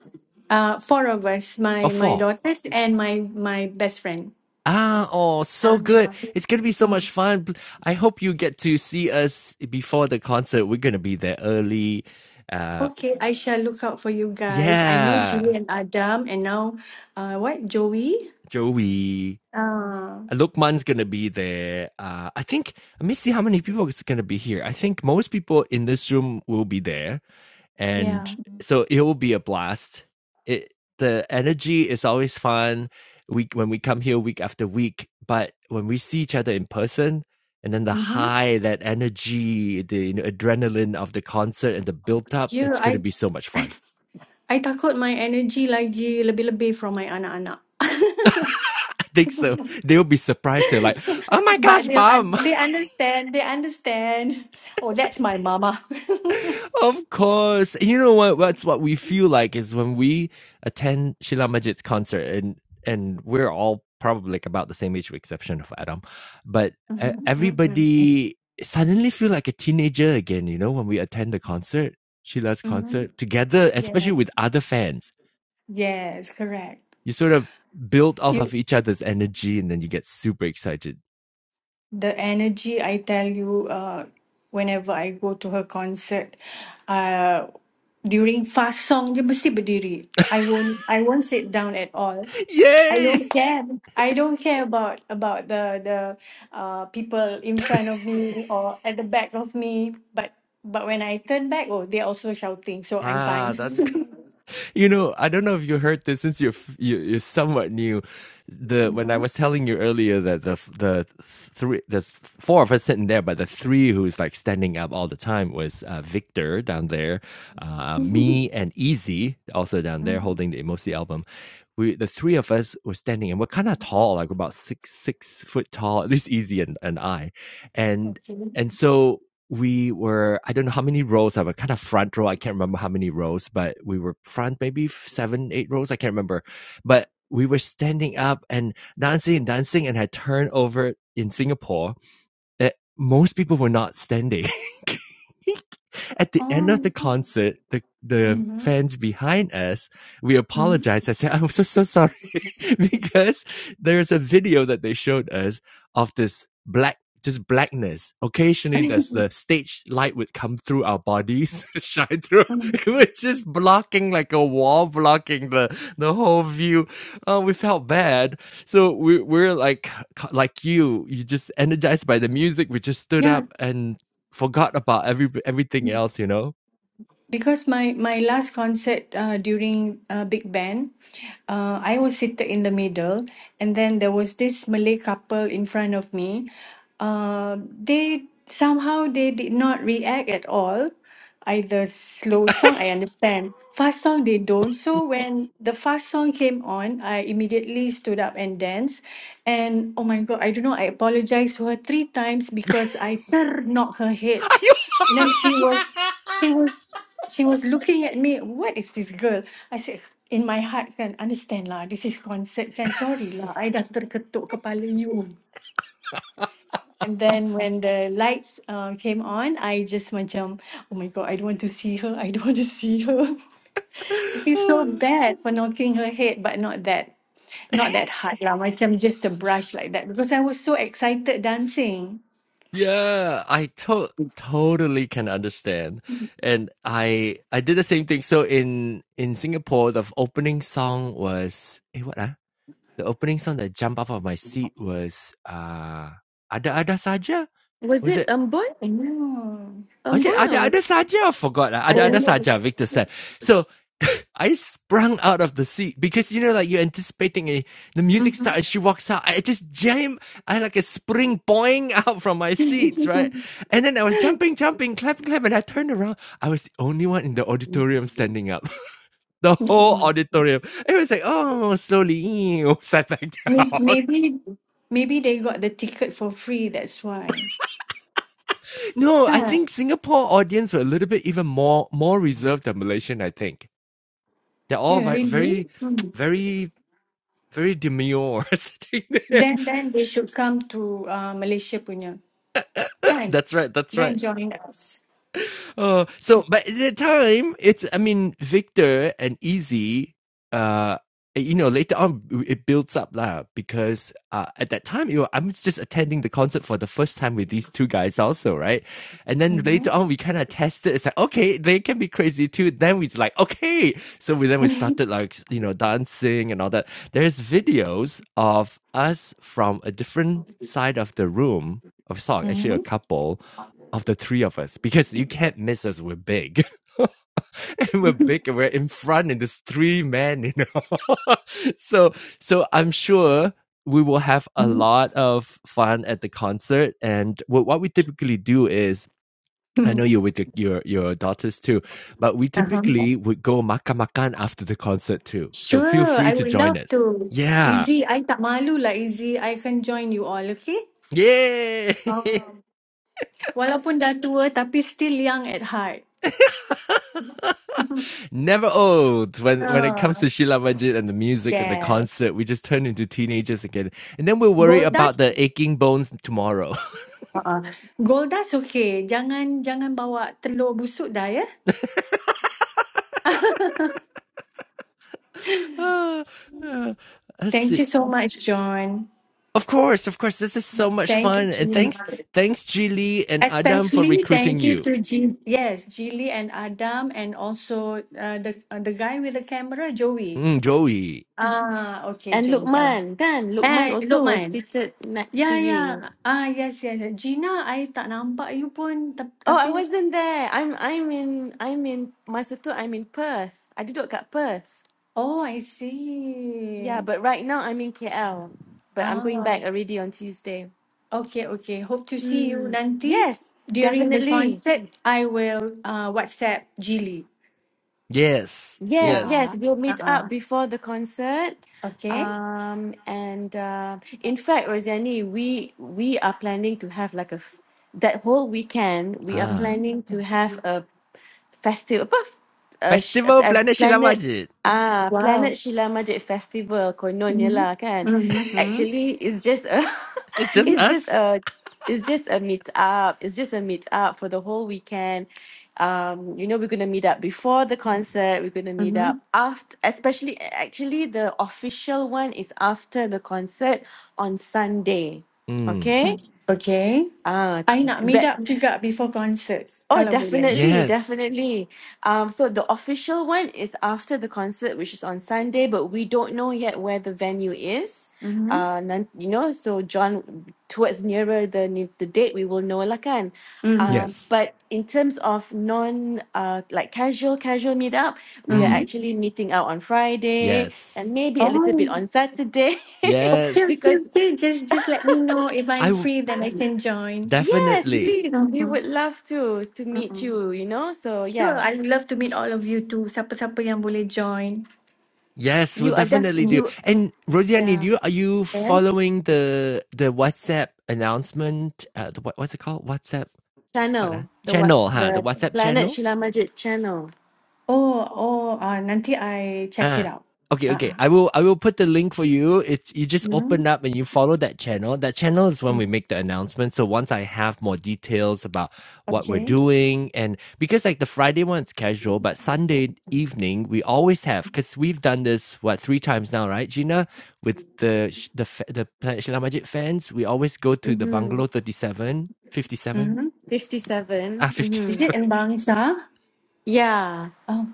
Uh, four of us, Or my my four? daughters and my my best friend. Ah, oh, Ah, so good. It's going to be so ah. much fun. Pl- I hope you get to see us before the concert. We're going to be there early. Uh Okay, I shall look out for you guys. I know yeah, Julie and Adam, and now, uh, what Joey? Joey. Ah, Lukman's going to be there. Uh, I think, let me see how many people is going to be here. I think most people in this room will be there. And yeah. so it will be a blast. It, the energy is always fun. We, when we come here week after week, but when we see each other in person, and then the Mm-hmm. high, that energy, the you know, adrenaline of the concert and the build up, Yeah, it's going to I, be so much [laughs] fun. I takut my energy lagi lebih-lebih from my anak-anak. [laughs] [laughs] I think so. They'll be surprised. They're like, oh my gosh, But they, uh, mom, they understand. They understand. Oh, that's my mama. [laughs] Of course. You know what? That's what we feel like is when we attend Sheila Majid's concert, and and we're all probably like about the same age, with exception of Adam, but uh, Mhm, mhm, everybody suddenly feel like a teenager again. You know, when we attend the concert, Sheila's mhm. concert together, especially Yeah. with other fans, Yes, correct. you sort of build off You of each other's energy, and then you get super excited. the energy i tell you uh, whenever i go to her concert uh, during fast song dia mesti berdiri i won't i won't sit down at all i Yay! don't care i don't care about about the the uh, people in front of me or at the back of me but but when i turn back oh they're also shouting so i'm Ah, fine [laughs] that's you know, I don't know if you heard this since you're you, you're somewhat new. The when I mm-hmm. was telling you earlier that the the three there's four of us sitting there, but the three who's like standing up all the time was uh, Victor down there, uh, me and Easy also down there Mm-hmm. holding the Emosi album. We the three of us were standing and we're kind of tall, like about six six foot tall, at least Easy and and I, and okay and so we were i don't know how many rows i was kind of front row i can't remember how many rows but we were front maybe seven eight rows i can't remember but we were standing up and dancing and dancing and i turned over in singapore that most people were not standing. [laughs] At the oh end my of the god concert, the, the mm-hmm. fans behind us, we Mm-hmm. apologized. I said, I'm so, so sorry [laughs] because there's a video that they showed us of this black, just blackness. Occasionally, there's the stage light would come through our bodies, [laughs] shine through. [laughs] It was just blocking like a wall, blocking the, the whole view. Oh, we felt bad so we we're like like you you just energized by the music we just stood yeah up and forgot about every everything else you know because my my last concert uh, during uh, Big Band, uh, I was seated in the middle, and then there was this Malay couple in front of me. Uh, they somehow they did not react at all. Either slow song, I understand. Fast song, they don't. So when the fast song came on, I immediately stood up and danced. And oh my God, I don't know. I apologized to her three times because I knocked her head [laughs] and then she was she was she was looking at me, what is this girl? I said in my heart can understand lah, this is concert kan, sorry lah, I dah terketuk kepala you. And then when the lights uh, came on, I just macam, oh my god, I don't want to see her, I don't want to see her. [laughs] I feel so bad for knocking her head, but not that, not that hard lah, macam just a brush like that because I was so excited dancing. yeah i to- totally can understand and i i did the same thing so in in singapore the opening song was eh, what ah? the opening song that jumped up of my seat was uh ada ada saja Was was it it Ambon? Yeah. I said, Ambon ada or ada saja. I forgot. lah. Ada other? ada Oh. saja. Victor said. So [laughs] I sprung out of the seat because you know, like you're anticipating a, the music Mm-hmm. starts. She walks out. I just jam. I had like a spring boing [laughs] out from my seats, right? And then I was [laughs] jumping, jumping, clapping, clapping. And I turned around. I was the only one in the auditorium standing up. [laughs] The Oh whole my. auditorium. It was like, oh, slowly [laughs] sat back May- down. Maybe maybe they got the ticket for free. That's why. [laughs] no, I Yeah. think Singapore audience were a little bit even more more reserved than Malaysian. I think. They're all Yeah. like very, Really. Hmm. very, very demure [laughs] sitting there. Then then they should come to uh, Malaysia punya. Kan? That's right. That's right. Then join us. [laughs] Oh, so but at the time, it's I mean Victor and Easy. Uh, you know, later on it builds up lah because uh, at that time, you know, I'm just attending the concert for the first time with these two guys also, right? And then Mm-hmm. later on, we kind of tested. It's like okay, they can be crazy too. Then we like okay, so we then we Mm-hmm. started like you know dancing and all that. There's videos of us from a different side of the room of song, actually a [laughs] couple of the three of us because you can't miss us. We're big, [laughs] and we're big, and we're in front, and there's three men, you know. [laughs] so, so I'm sure we will have a lot of fun at the concert. And what what we typically do is. I know Mm-hmm. you're with your, your your daughters too, but we Uh-huh. typically would go makan makan after the concert too. So feel Sure, free I to would join love us. to. Yeah, Izzy, I tak malu lah Izzy. I can join you all, okay? yay! Oh. Walaupun dah tua tapi still young at heart. [laughs] never old when when it comes to Sheila Majid and the music and the concert. We just turn into teenagers again, and then we'll worry Gold about dust, the aching bones tomorrow. [laughs] Uh-uh. Goldas okay. Jangan jangan bawa telur busuk dah ya. Ah, ah, Let's Thank see. you so much, John. Of course, of course. This is so much Thank fun, you. and Gilly. thanks, thanks, Jili and Adam for Especially recruiting thank you you. to G- yes, Gilly and Adam and also uh, the uh, the guy with the camera, Joey. Mm, Joey, Ah, okay, And Joey. Yeah. Lukman, kan? Lukman Eh, also was Lokman. seated next to Yeah, yeah. you. Ah, yes, yes. yes. Gina, I tak nampak you pun tap- Oh, I tapi wasn't there. I'm I'm in I'm in masa tu I'm in Perth. I duduk kat Perth. oh, I Yeah, see. but right now I'm in KL. But I'm going Ah. back already on Tuesday. Okay, okay. Hope to see you Hmm. nanti Yes, during the definitely. concert. I will uh, WhatsApp Jilly. yes, Yes, yes. yes, Yeah. we'll meet up Uh-uh. before the concert. Okay. Um, and uh, in fact, Rosiani, we we are planning to have like a f- that whole weekend. We are Ah, Mm-hmm. planning to have a festival, apa, f- uh, sh- festival uh, planet Sheila planet Majid. ah Wow. planet Sheila Majid festival kononnya Mm-hmm. lah kan. Mm-hmm. Actually, it's just a [laughs] It's [laughs] just it's just us. a it's just a meet up. It's just a meet up for the whole weekend. Um, you know, we're gonna meet up before the concert. We're gonna meet Mm-hmm. [laughs] up after, especially actually the official one is after the concert on Sunday. Mm, Okay. Okay. Ah, I nak meet Uh, up juga before concert Oh, kalau boleh. definitely, yes, definitely. Um, so the official one is after the concert, which is on Sunday, but we don't know yet where the venue is. Mm-hmm. Uh, nan, you know, so John, towards nearer the ne- the date, we will know lah kan. Mm-hmm. Um, yes. but in terms of non, uh, like casual casual meetup, we are Mm-hmm. Mm, actually meeting out on Friday yes, and maybe a little bit Oh. on Saturday, [laughs] Okay, yes. okay, because okay. Just just let me know if I'm I free then I can join. yes, Definitely. please, we Mm-hmm. would love to to meet Mm-hmm. you. You know, so Sure, yeah. I would love to meet all of you too. Siapa-siapa yang boleh join. Yes, we'll You are def definitely do. you And Rosiani, do yeah you are you Yeah. following the the WhatsApp announcement? Uh, the, what, what's it called? WhatsApp what? Uh, channel the what channel? Huh? The the WhatsApp Planet channel. Shila Majid channel. Oh, oh, uh, nanti I check it Ah, out. okay, okay. Uh-uh. I will I will put the link for you. It's you just Mm-hmm. open up and you follow that channel. That channel is when we make the announcement. So once I have more details about what we're Okay. doing and because like the Friday one's casual, but Sunday evening we always have because we've done this what three times now, right, Gina? With the sh- the fa- the Planet Shila Majid fans, we always go to the Mm-hmm. bungalow 37 57. Mm-hmm. Fifty Ah, seven. Mm-hmm. Is 57. [laughs] it in Bangsa? Yeah. Oh,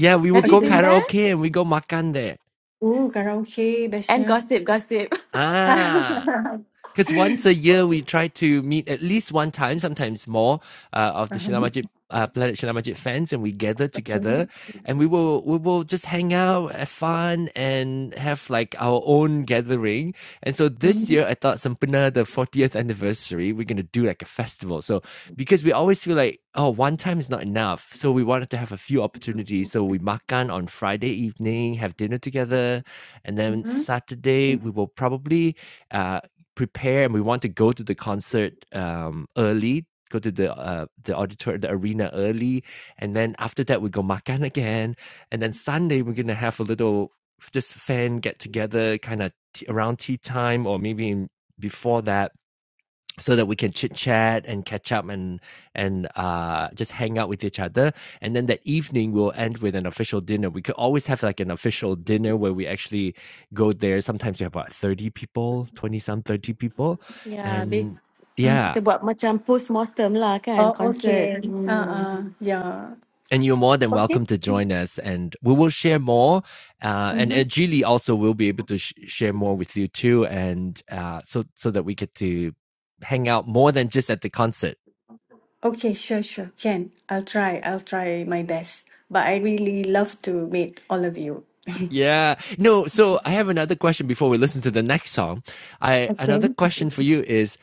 Yeah, we will Have you go okay. been there? karaoke and we go makan there. Oh, karaoke And bestnya. gossip, gossip. [laughs] Ah. [laughs] Because once a year we try to meet at least one time, sometimes more, uh, of the Shila Mhm. Majid uh, Planet Shila Majid fans, and we gather okay. together, and we will we will just hang out, have fun, and have like our own gathering. And so this Mm-hmm. year, I thought Sampana, the 40th anniversary, we're gonna do like a festival. So because we always feel like oh, one time is not enough, so we wanted to have a few opportunities. So we makan on Friday evening, have dinner together, and then Mm-hmm. Saturday we will probably uh, prepare and we want to go to the concert um, early go to the uh, the auditor the arena early and then after that we go makan again and then sunday we're gonna have a little just fan get together kind of t- around tea time or maybe in, before that so that we can chit chat and catch up and and uh, just hang out with each other. And then that evening we'll end with an official dinner. We could always have like an official dinner where we actually go there. Sometimes we have about thirty people, twenty some, thirty people, Yeah, base and Mm. yeah. kita buat macam post mortem lah kan Oh, concert. okay. Hmm. Uh-uh. Yeah. And you're more than Okay. welcome to join us, and we will share more. Uh, and Mm-hmm. and Julie also will be able to sh- share more with you too, and uh, so so that we get to hang out more than just at the concert. Okay, sure, sure. Can. I'll try. I'll try my best. But I really love to meet all of you. Yeah. No, so I have another question before we listen to the next song. I another Okay. question for you is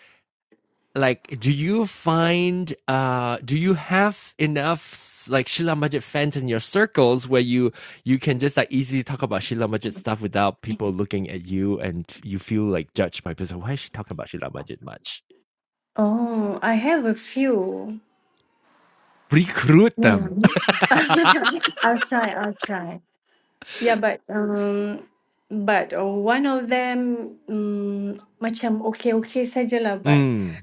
like do you find uh do you have enough like Sheila Majid fans in your circles where you you can just like easily talk about Sheila Majid stuff without people looking at you and you feel like judged by people why is she talking about Sheila Majid much? Oh, I have a few. Recruit Yeah. them. [laughs] [laughs] I'll try, I'll try. Yeah, but um but uh, one of them um, macam okay okay sajalah but Mm.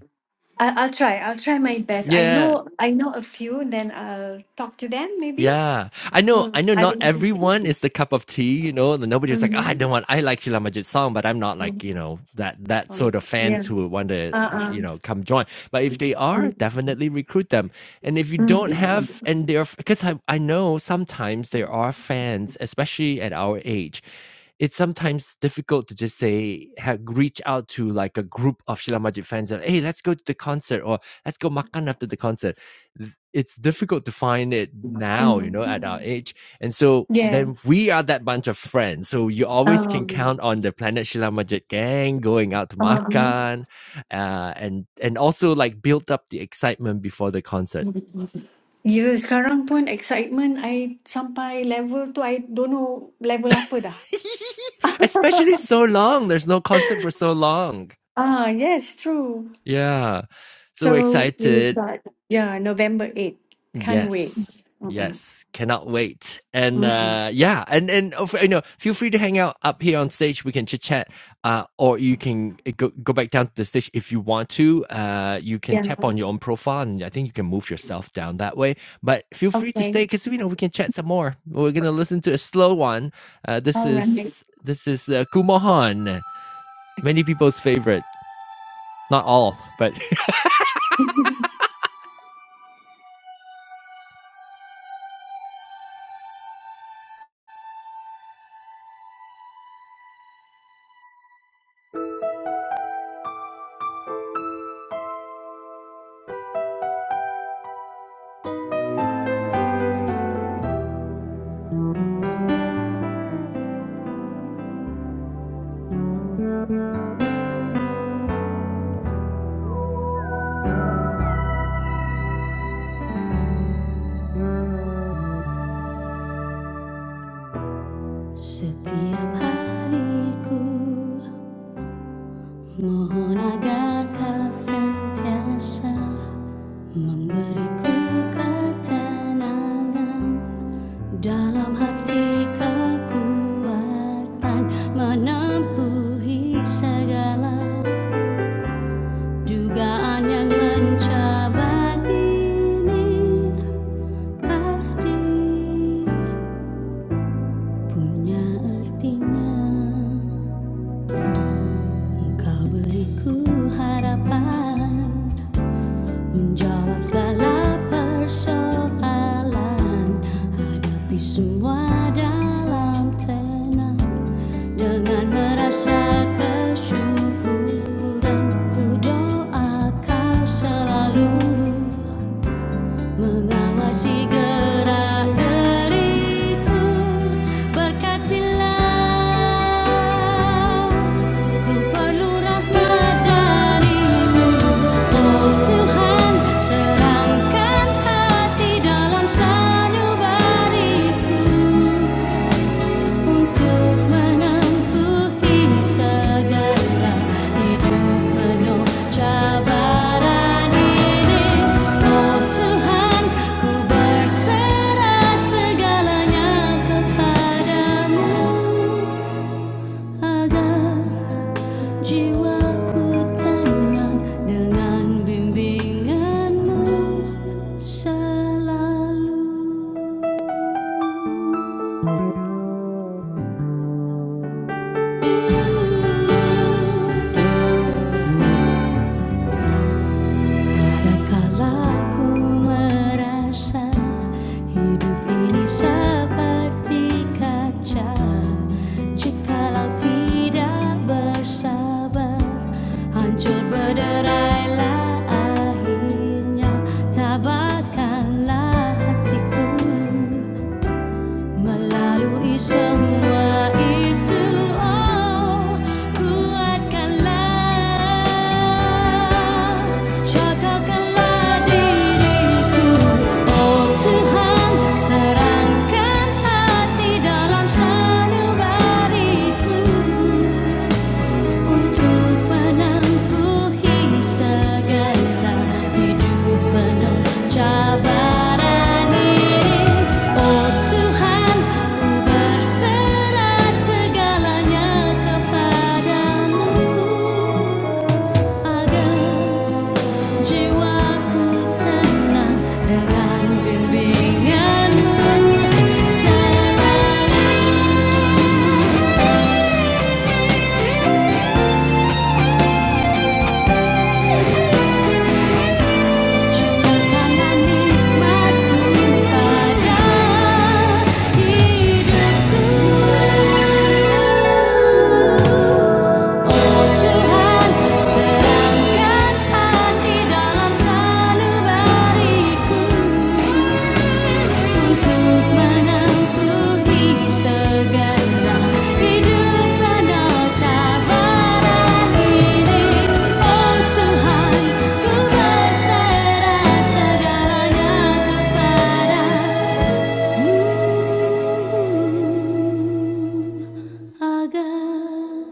I I'll try. I'll try my best. I Yeah. know I know a few then I'll talk to them maybe. Yeah, I know. I Mm, know. I Not think everyone is the cup of tea, you know. and Nobody's like, "Ah, I mm-hmm. not want. I like Sheila Majid's song, but I'm not like you know that that sort of fans Yeah. who would want to Uh. Uh-uh. you know come join. But if they are, definitely recruit them. And if you don't Mm, have, and they're because I I know sometimes there are fans, especially at our age it's sometimes difficult to just say ha reach out to like a group of Sheila Majid fans and hey, let's go to the concert or let's go makan after the concert. Th- It's difficult to find it now, you know, at our mm. age. And so then Yes. we are that bunch of friends. So you always can count on the Planet Sheila Majid gang going out to Um makan, uh, and and also like build up the excitement before the concert. Ya, sekarang pun excitement I sampai level tu I don't know level apa dah. [laughs] Especially so long. There's no concert for so long. Ah, yes, true. Yeah. So So, we excited. start. Yeah, November 8. Can't wait. Yes. Mm-mm. Yes. Cannot wait. And Mm-mm. uh yeah, and and you know, feel free to hang out up here on stage. We can chit chat, uh, or you can eh, go go back down to the stage if you want to. Uh, you can Yeah. tap on your own profile, and I think you can move yourself down that way. But feel free to Okay. stay because you know we can chat some more. We're gonna listen to a slow one. Uh, this All right. is this is uh, Kumohan, many people's favorite. Not all, but [laughs] [laughs] Setiap hariku Mohon agar kau sentiasa Memberiku ketenangan Dalam hati kekuatan Menempuhi segala Dugaan yang mencabar ini Pasti punya artinya Kau beriku harapan Menjawab segala persoalan Hadapi semua dalam tenang Dengan merasa kesyukuran Ku doa kau selalu mengawasi gerak diriku berkatilah ku perlu rahmat darimu oh Tuhan terangkan hati dalam sanubariku Untuk menempuhi segala hidup penuh cabaran ini, Oh Tuhan, ku berserah segalanya kepadamu agar jiwaku tenang dengan bimbinganmu selalu. Kadangkala ku merasa hidup ini seperti kaca Jikalau tidak bersabar Hancur berderailah akhirnya Tabahkanlah hatiku Melalui semua itu, oh kuatkanlah, cocokkanlah diriku, oh Tuhan terangkan hati dalam sanubariku. Untuk menempuhi segala hidup penuh cabaran ini Oh Tuhan, ku berserah segalanya kepadamu Agar Jiwaku tenang dengan bimbinganmu selalu. Cuma karena nikmatmu pada hidupku Tuhan, terangkan hati dalam sanubariku untuk menangkuti segala hidup penuh cabaran ini. Oh Tuhan, ku berserah segalanya kepadamu agar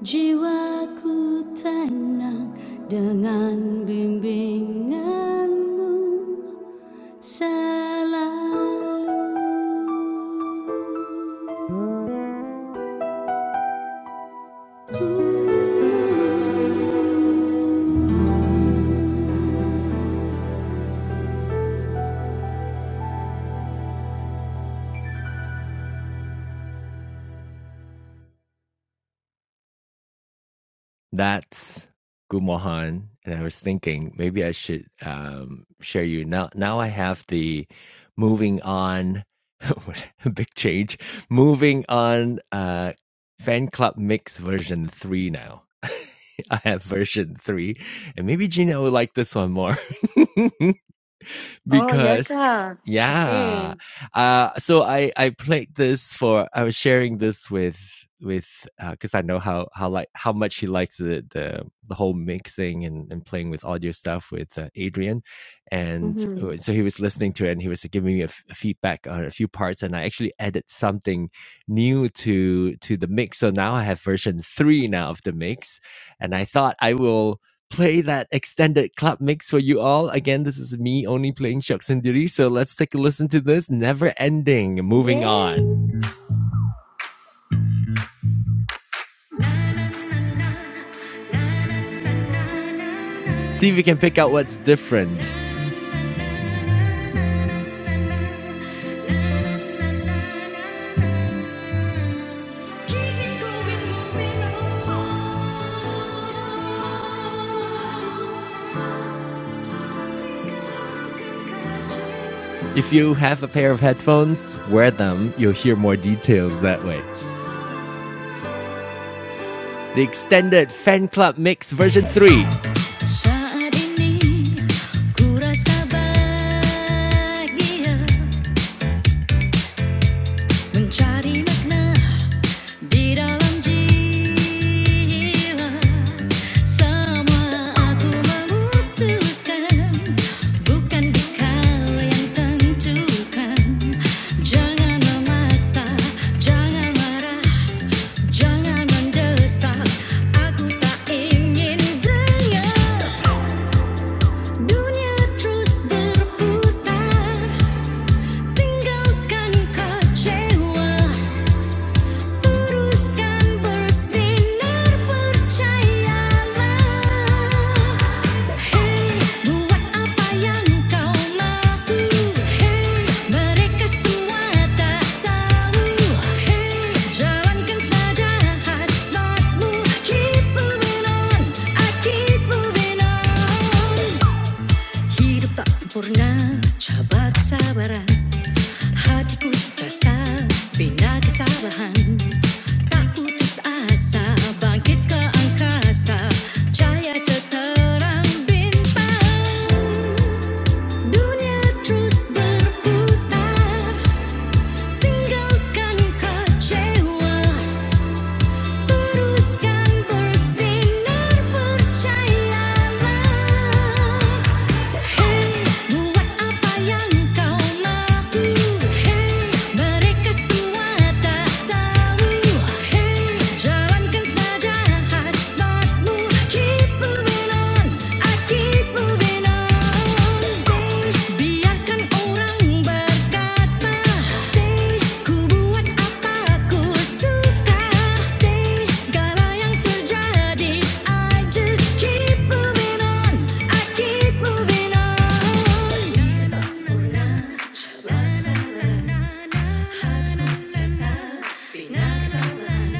Jiwaku tenang dengan bimbinganmu selalu. That's Gumohan. And I was thinking maybe I should um, share you now. Now I have the moving on, [laughs] big change, moving on uh, fan club mix version three now. [laughs] I have version three, and maybe Gina would like this one more. [laughs] [laughs] Oh ya because ke? yeah Okay. uh so i i played this for i was sharing this with with because i know how how like how much he likes the the, the whole mixing and, and playing with audio stuff with uh, adrian and Mm-hmm. uh, so he was listening to it and he was giving me a, f- a feedback on a few parts and i actually added something new to to the mix so now i have version 3 now of the mix and i thought i will play that extended club mix for you all again this is me only playing shucks and diddy so let's take a listen to this never ending moving Yeah. on see if you can pick out what's different if you have a pair of headphones wear them you'll hear more details that way the extended fan club mix version 3. Di dalam jiwa semua aku memutuskan bukan dikau yang tentukan jangan memaksa jangan marah jangan mendesak aku tak ingin dengar dunia terus berputar tinggalkan kecewa teruskan Hey, buat apa yang kau mahu. Hey, mereka semua tak tahu. Hey, jalankan saja hasratmu. Keep moving on, I keep moving on. Hidup tak sempurna, cabak sabaran. Hatiku terasa bina kecerahan Tak putus asa bangkit ke angkasa Cahaya seterang bintang Dunia terus berputar Tinggalkan kecewa teruskan Hey, buat apa yang kau mahu. Hey, mereka semua tak tahu. Hey, jalankan saja hasratmu. Keep moving on, I keep moving on biarkan orang berkata Say, ku buat apa ku suka Say, segala yang terjadi I just keep moving on, I keep moving on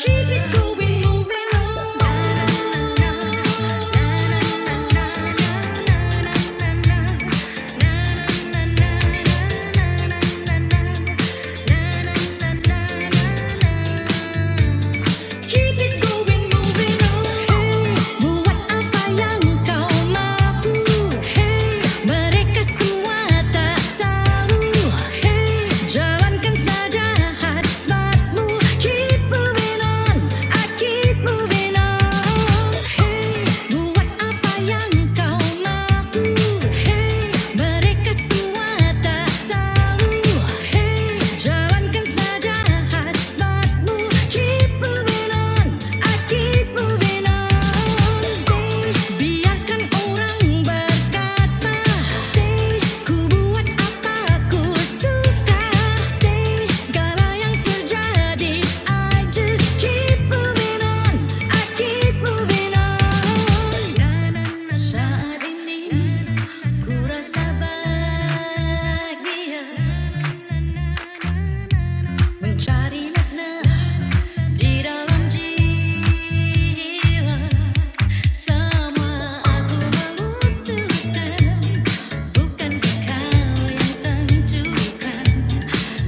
Keep it going, moving on. Keep it going, moving on. Hey, Buat apa yang kau mahu. Hey, Mereka semua tak tahu. Hey, Jalankan saja hasratmu. Keep moving on, I keep moving on. Hey, Buat apa yang kau mahu. Hey, Mereka semua tak tahu. Hey, Jalankan saja hasratmu. Keep moving on, I keep moving on. Stay, biarkan orang berkata. Stay, ku buat apa ku suka. Stay, segala yang terjadi. I just keep moving on, I keep moving on. saat ini ku rasa bahagia. Mencari makna di dalam jiwa Semua aku memutuskan Bukan kau yang tentukan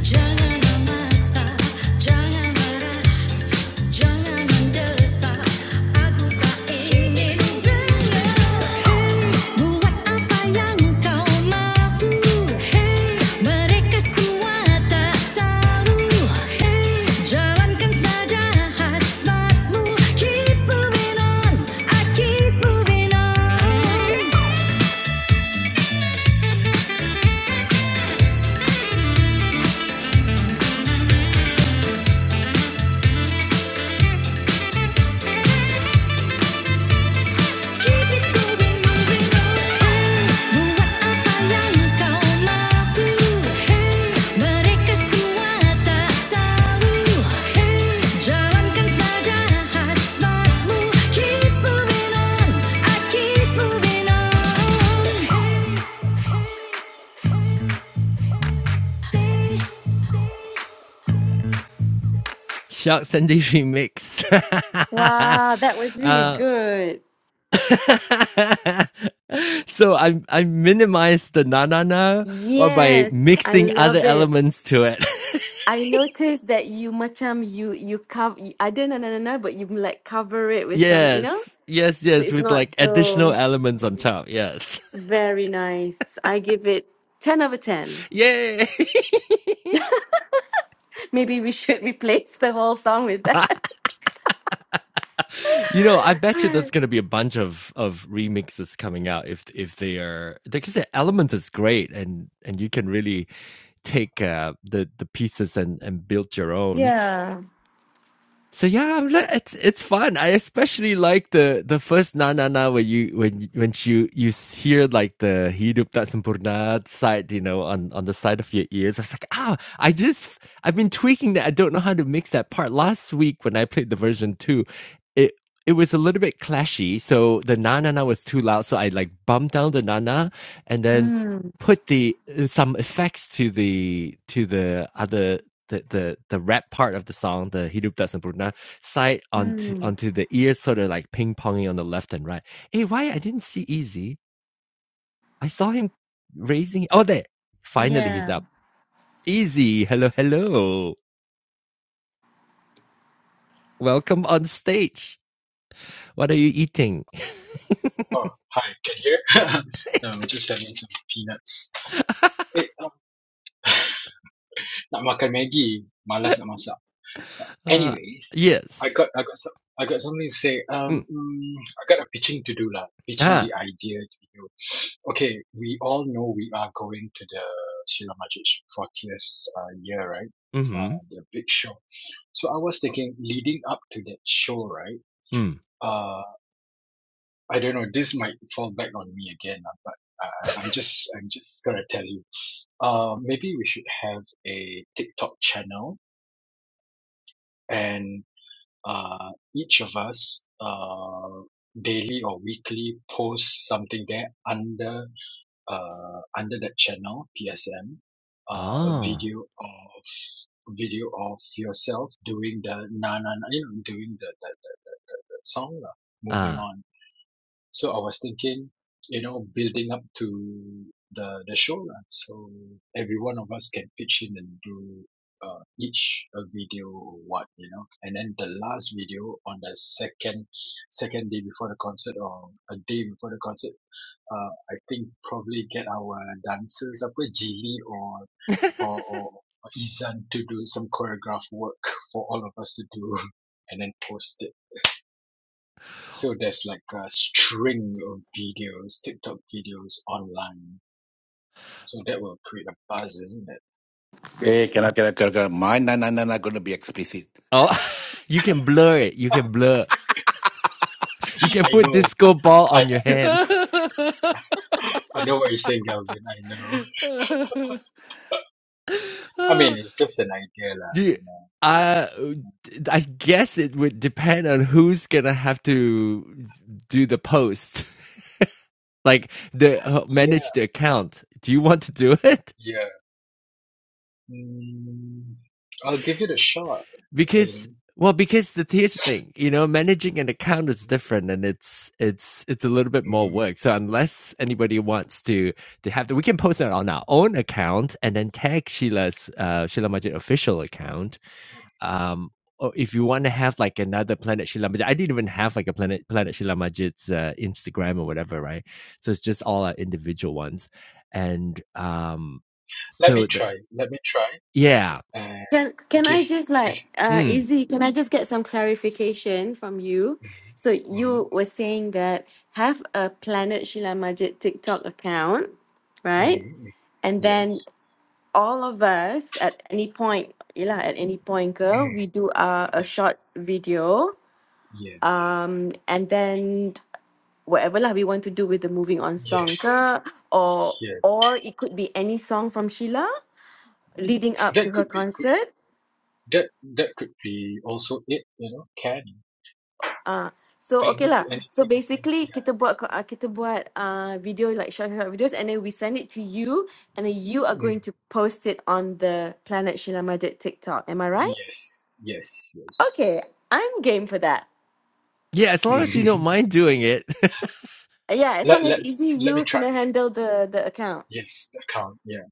Jangan memaksa, jangan marah Hey, buat apa yang kau mahu? Hey, mereka semua tak tahu. Hey, jalankan saja hasratmu. Keep moving on, I keep moving on. Shark Sunday remix. Wow, that was [laughs] really uh, good. [laughs] so I I minimized the na na na or by Yes, I mixing love other it. elements to it. I noticed that you macam you you cover I didn't know, no, no, but you like cover it [laughs] with some, you know? yes. Yes, So yes, it's with not like additional so elements on top. Yes. very nice. I give it 10 over 10. [laughs] Yay. [laughs] Maybe we should [laughs] replace the whole song with that. [laughs] you know, I bet you there's [laughs] going to be a bunch of of remixes coming out if if they are because the element is great and and you can really take uh, the the pieces and and build your own. Yeah. So yeah, I'm li- it's it's fun. I especially like the the first na na na where you when when you you hear like the hidup tak sempurna side, you know, on on the side of your ears. I was like, ah, I just I've been tweaking that. I don't know how to mix that part. Last week when I played the version two, it it was a little bit clashy. So the na na na was too loud. So I like bumped down the na na and then Mm, put the uh, some effects to the to the other the the the rap part of the song, the Hidup Tak Sempurna, side onto mm, onto the ears, sort of like ping ponging on the left and right. Hey, why I didn't see Easy? I saw him raising. Oh, there! Finally, he's yeah. up. Easy, hello, hello. Welcome on stage. What are you eating? Oh, hi. Can you hear? [laughs] no, we're just having some peanuts. Eh, um, nak makan Maggi. Malas nak masak. But Uh, anyways, I yes. got, I got, some, I got something to say. Mm. Um, mm, I got a pitching to do lah. Pitching Ah. the idea to do. Okay, we all know we are going to the Sheila Majid 40th uh, year, right? Mm-hmm. Uh, the big show. So I was thinking, leading up to that show, right? Mm. Uh, I don't know. This might fall back on me again, lah, but uh, I'm just, I'm just gonna tell you. Uh, maybe we should have a TikTok channel and uh, each of us uh, daily or weekly post something there under uh, under that channel PSM uh, Oh. video of video of yourself doing the na na na you know doing the the, the, the song lah. moving Ah. on So I was thinking, you know, building up to the the show lah. So every one of us can pitch in and do uh, each a video or what, you know. And then the last video on the second second day before the concert or a day before the concert, uh, I think probably get our dancers, apa Jilly or or or or Izan to do some choreograph work [laughs] for all of us to do, [laughs] and then post it. So there's like a string of videos, TikTok videos online. So that will create a buzz, isn't it? Hey, cannot cannot cannot. I, Mine, nah, nah, nah, not going to be explicit. Oh. [laughs] you can blur it. You can blur. You [laughs] can I put know. disco ball I on your [laughs] hands. I know what you're saying, Galvin. I know. I Oh, mean, it's just an idea, Yeah, lah. uh, You know. I guess it would depend on who's gonna have to do the post, [laughs] like the uh, Yeah, manage the account. Do you want to do [laughs] it? yeah. Mm, I'll give it a shot. Because You well, because the here's the thing, you know, managing an account is know. different, and it's it's it's a little bit more Mm, work. So unless anybody wants to to have the, we can post it on our own account and then tag Sheila's uh, Sheila Majid official account Um, or if you want to have like another Planet Shila Majid, I didn't even have like a Planet Planet Shila Majid's uh, Instagram or mm. whatever, right? So it's just all our individual ones, and um, Let me so the try. Let me try. yeah, And Can can give I just give. like uh mm, Izzy, can I just get some clarification from you? So Mm, mm, you were saying that have a Planet Sheila Majid TikTok account, right? mm, mm. And then Yes. all of us at any point yeah at any point girl, Mm, we do uh, a yes. short video Yeah. um and then whatever lah we want to do with the moving on song Yes. ke, or Yes. or it could be any song from Sheila leading up That to her could be could concert that that could be also it, you know, can uh so okay any lah so anything is an basically kita buat ko- uh, kita buat uh, video like short short videos and then we send it to you and then you are yeah. Mm. going to post it on the Planet Sheila Majid TikTok am I right Yes, yes, yes. okay I'm game for that yeah. As long as you don't [laughs] mind doing it, Yeah, as long let as let easy, let me you try. kena handle the the account. Yes, that count. Yeah,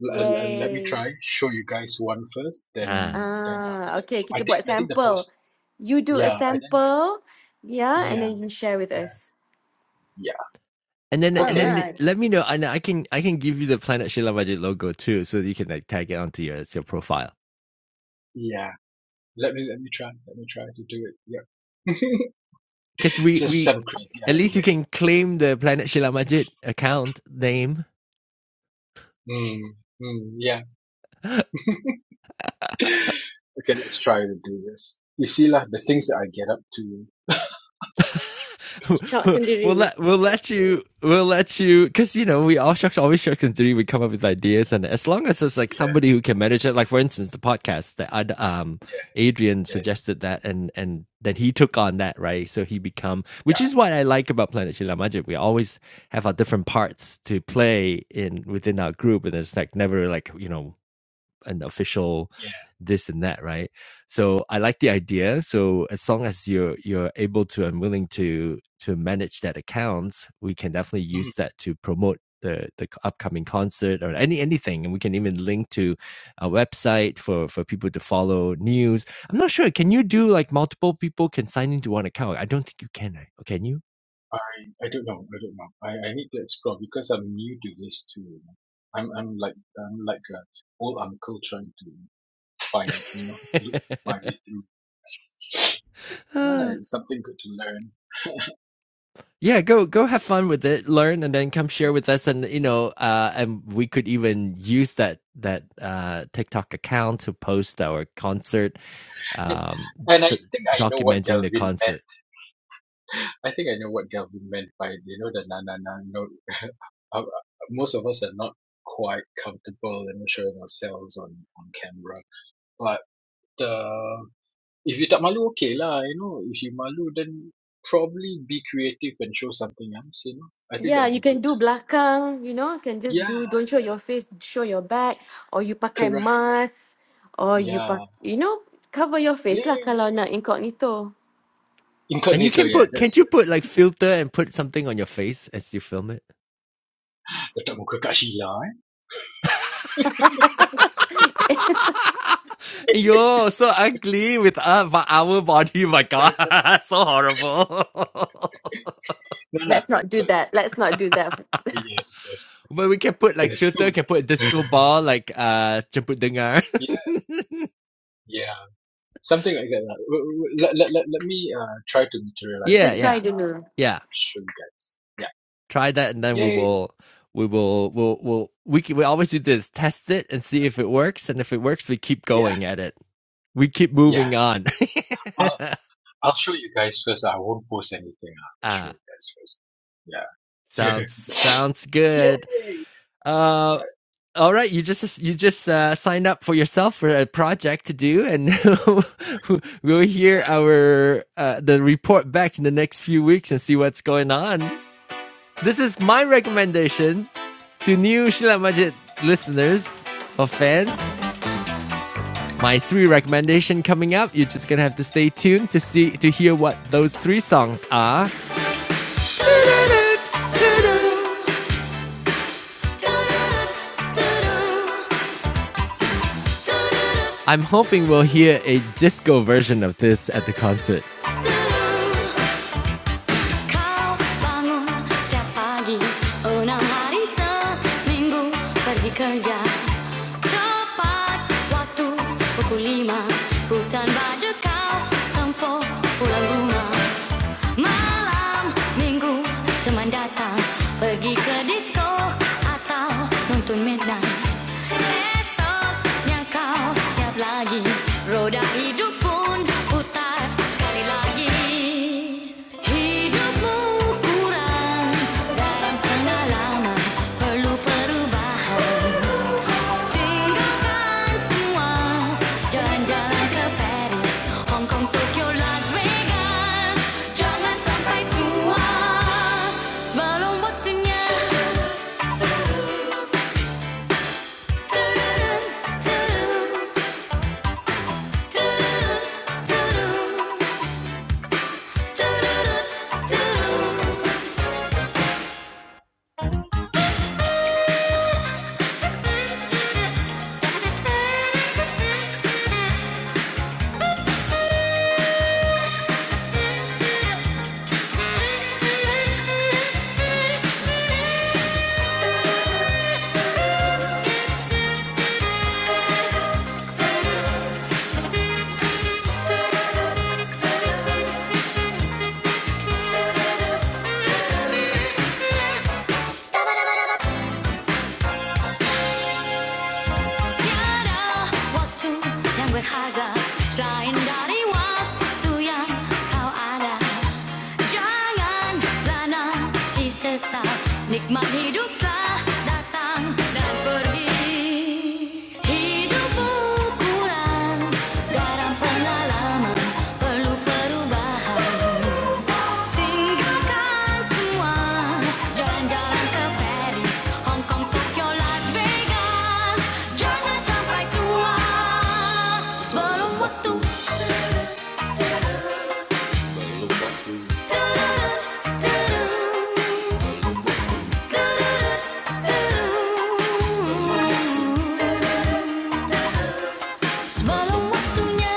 let, let let me Yay. try. Show you guys one first, [laughs] ah, then then after Ah, that, okay, I kita think buat I think the sample. post. You do a Yeah, I then sample, yeah, and yeah then you share with yeah us. yeah. and then and Okay, then Alright. let me know, and I can I can give you the Planet Shila Majid logo too, so that you can like tag it onto your your profile yeah. Let me let me try. Let me try to do it. Yeah, because [laughs] we just we. some crazy At least Um, you idea. can claim the Planet Shila Majid account name Mm, mm, yeah. Okay, let's try to do this. You see, lah, the things that I get up to. shot [laughs] we'll sendiri. let we'll let you we'll let you because you know we all shucks always shucks and three we come up with ideas and as long as there's like Yeah, somebody who can manage it like for instance the podcast that um yes, Adrian yes, suggested that and and then he took on that right so he become yeah, which is what I like about Planet Shila Magic we always have our different parts to play in within our group and it's like never like you know an official yeah. this and that, right? So I like the idea. So as long as you're you're able to and willing to to manage that account, we can definitely Mm, use that to promote the the upcoming concert or any anything, and we can even link to a website for for people to follow news. I'm not sure. Can you do like multiple people can sign into one account? I don't think you can. Right? Okay, Can you? I, I don't know, I don't know. I, I need to explore because I'm new to this too. You know? I'm, I'm like, I'm like a old uncle trying to find, you know, look [sighs] my way through. [laughs] uh, Ah, it's something good to learn. Yeah, go go have fun with it, learn, and then come share Yeah, with us. And you know, uh, and we could even use that that uh, TikTok account to post our concert, and, um, and I d- think I know what documenting the Galvin meant concert. I think I know what Galvin meant by you know the na na na no. [laughs] Uh, Most of us are not quite comfortable in showing ourselves on on camera, but uh, if you tak malu, okay lah. You know, if you malu, then probably be creative and show something else. You know, I think Yeah, that would you be can good do too. belakang, you know, can just Yeah, do, don't show yeah, your face, show your back, or you pakai correct. mask, or you pak, Yeah, you know, cover your face yeah, lah yeah. kalau nak incognito. And you Incognito, can yeah. put, That's can't you that's. put like filter and put something on your face as you film it? Letak muka kat Sheila, [laughs] [laughs] Yo, so ugly with uh, but our body. My eh? God, [laughs] so horrible. [laughs] no lah, Let's but not do but that. Let's not do that. yes, yes. [laughs] but we can put like Kena sue filter, can lagi. put a disco ball like uh jemput dengar. [laughs] [laughs] Yeah, something like that. lah. W- w- w- Let, let, let, let me uh, try to materialize Kita Yeah, this. try yeah, Uh, dulu. yeah. show you guys. Try that, and then Yeah. we Yay. will, we will, we'll, we'll, we can, we always do this: test it and see if it works, and if it works, we keep Yeah. going at it. We keep Yeah. moving on. I'll, I'll show you guys first. I won't post anything. [laughs] I'll show ah, you guys first. Yeah. sounds sounds [laughs] good. Yay. All Uh, right. all right. You just you just uh, signed up for yourself for a project to do, and [laughs] we'll hear our uh, the report back in the next few weeks and see what's going on. This is my recommendation to new Shila Majid listeners or fans. My three recommendation coming up. You're just gonna have to stay tuned to see to hear what those three songs are. I'm hoping we'll hear a disco version of this at the concert. Kau bangun setiap pagi Enam hari seminggu pergi kerja Tepat waktu pukul lima Hutan baju kau tempo pulang rumah Malam minggu teman datang Pergi ke disco atau nonton midnight Esoknya kau siap lagi Roda hidup pun putar sekali lagi Hidupmu kurang dalam pengalaman Perlu perubahan Tinggalkan semua Jalan-jalan ke Paris Hong Kong, Tokyo, Las Vegas Jangan sampai tua Sebelum waktunya Thank you. Tiada waktu yang berharga, cair dari waktu yang kau ada janganlah nanti sesat Nikmat hiduplah datang dan pergi Hidup berukuran garam pengalaman perlu perubahan Tinggalkan semua jalan-jalan ke Paris, Hong Tokyo, Las Vegas. Jangan sampai tua sebelum waktu. Semalam waktunya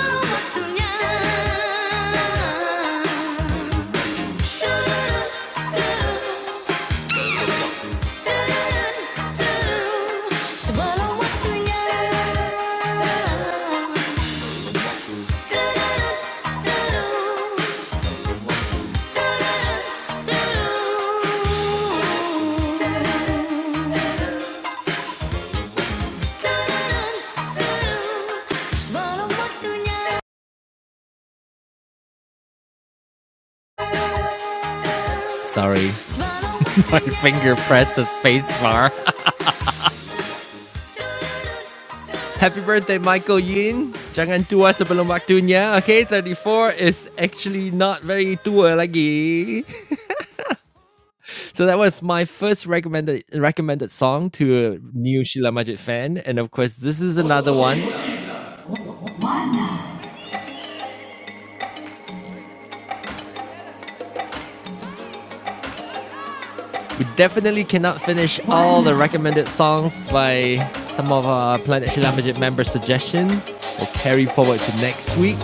Semalam waktunya Semalam waktunya Sorry, [laughs] my finger pressed the space bar. [laughs] Happy birthday, Michael Yin. Jangan tua sebelum waktunya. Okay, 34 is actually not very tua lagi. So that was my first recommended recommended song to a new Sheila Majid fan, and of course this is another one. We definitely cannot finish all the recommended songs by some of our Planet Sheila Majid member suggestion. We'll carry forward to next week.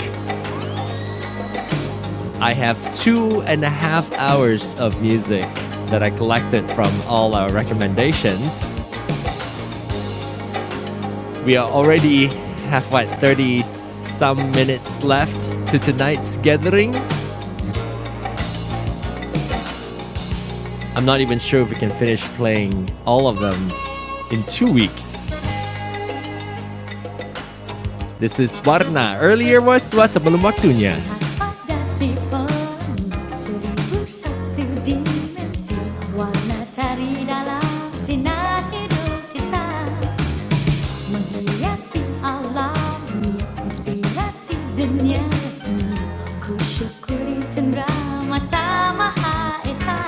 I have two and a half hours of music that I collected from all our recommendations. We are already have what 30 some minutes left to tonight's gathering. I'm not even sure if we can finish playing all of them in two weeks. This is Warna. Earlier was Tua Sebelum Waktunya. si cendera mata Maha Esa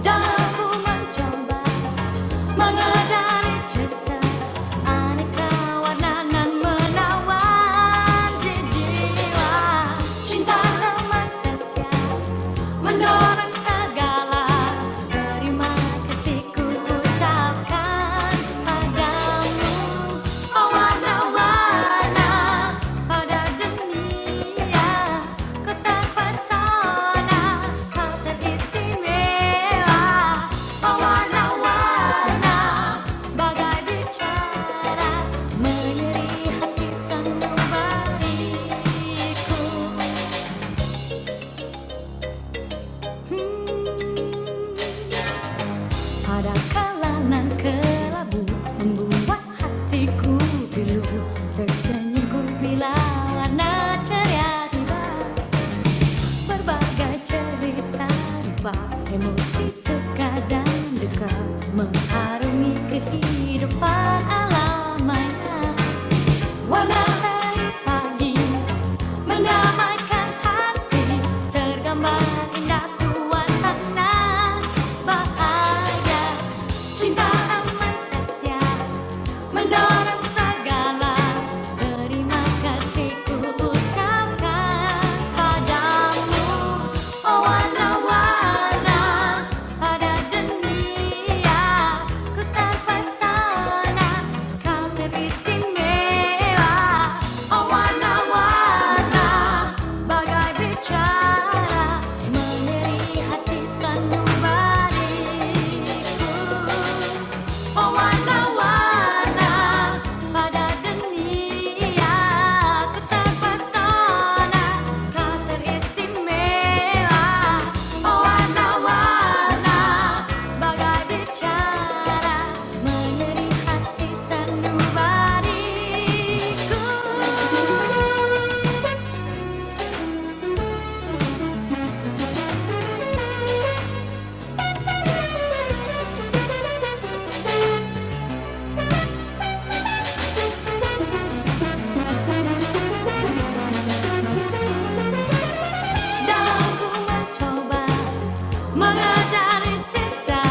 Dalam ku mencoba Mga dari aneka warna nan menawan di jiwa Cinta ramah setia Mendorong segala terima kasih ku ucapkan padamu Oh warna-warna pada dunia Ku terpesona kau teristimewa Oh warna-warna bagai bicara Menyeri hati sanubariku Hmm. Pada kalangan kelabu Membuat hatiku pilu Tersenyum bila warna ceria tiba Berbagai cerita tiba Emosi suka dan duka Mengharungi kehidupan alam maya Warna sari pagi Menyamakan hati tergambar indah suasana bahaya cinta aman setia Mendoan segala terima kasihku ucapkan padamu Oh warna pada dunia ku terpesona kau teristimewa Oh warna bagai bicara meneri hati sanubariku Pewarna-warna pada dunia ku terpesona kau teristimewa Pewarna-warna bagai bicara meneri hati sanubariku coba Mga dari cinta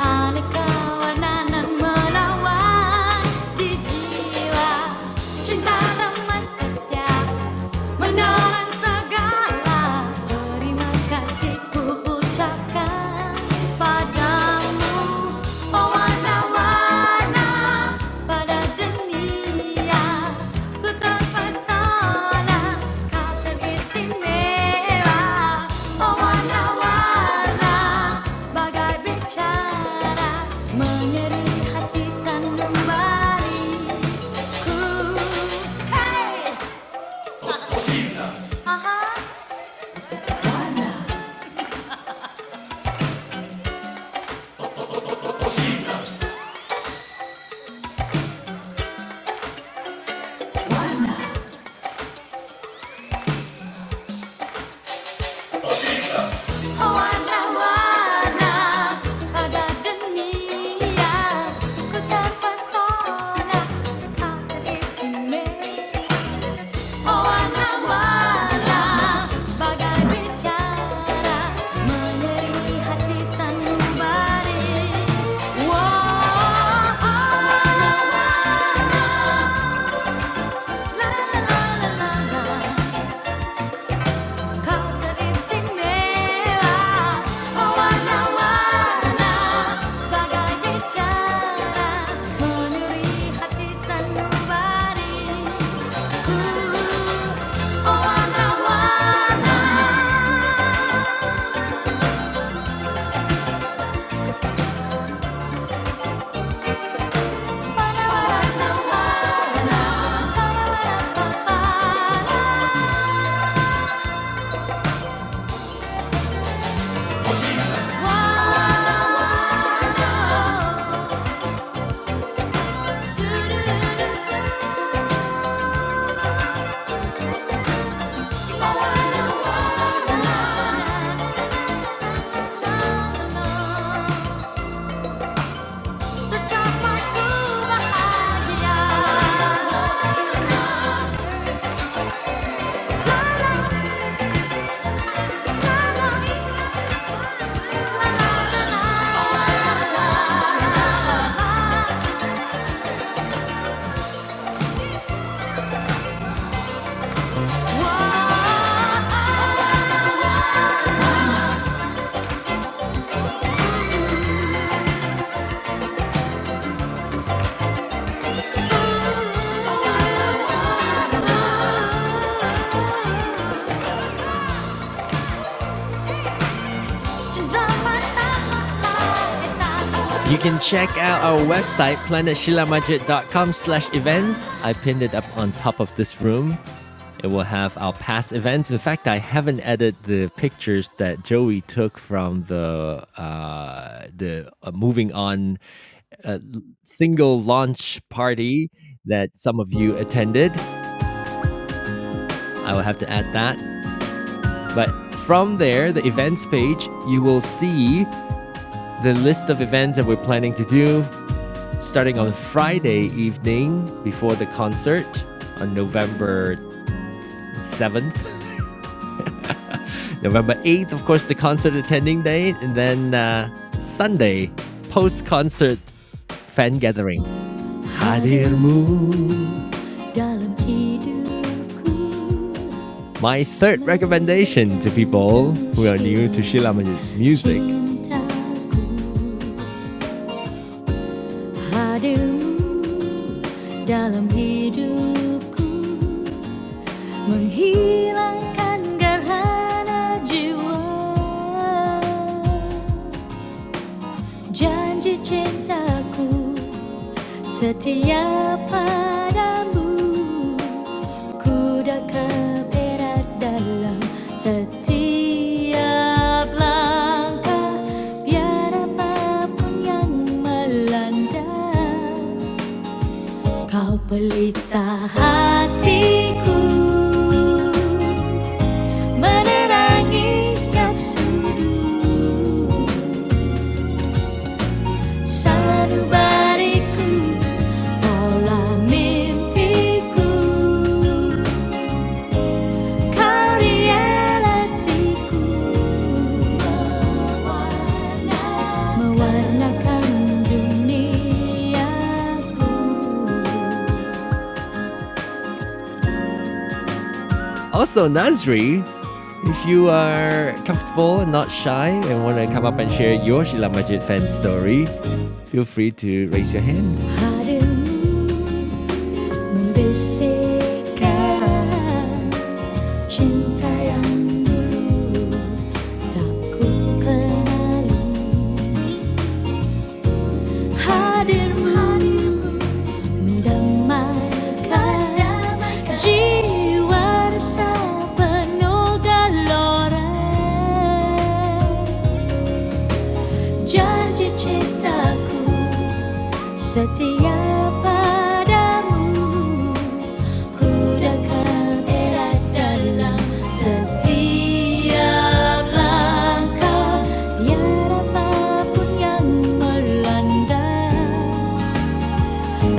Aneka warna nan melawan Di jiwa Cinta teman setia Menawan segala terima ucapkan padamu Oh warna-warna pada dunia Ku terpesona kau teristimewa Oh warna-warna bagai bicara Menyeru hati sanubariku Hey, Warna-warna dunia Ku terpesona akan bagai bicara Menyeri hati sanubari Warna-warna la la la la Kazanipinela, mawala Bagay bitsala Munurihati sa nubari Mawala-wala mawala You can check out our website, planetshilamajit.com slash events. I pinned it up on top of this room. It will have our past events. In fact, I haven't added the pictures that Joey took from the uh, the uh, moving on single launch party that some of you attended. I will have to add that. But from there, the events page, you will see the list of events that we're planning to do starting on Friday evening before the concert on November 7th. [laughs] November 8th, of course, the concert attending date. And then uh, Sunday, post concert fan gathering. Hadirmu Dalam hidupku My third recommendation to people who are new to Shilamajit's music dalam hidupku Menghilangkan gerhana jiwa Janji cintaku Setia padamu Ku dah keberat dalam setiap langkah Biar apapun yang melanda Kau pelita hatiku Menerangi setiap sudut Sanubariku Also, Nazri, if you are comfortable and not shy and want to come up and share your Sheila Majid fan story, feel free to raise your hand. Cinta yang dulu tak ku kenali Hadirmu mendamaikan jiwa rasa penuh gelora Janji cintaku Setia padamu, ku dekat erat dalam setiap langkah, biar apapun yang melanda,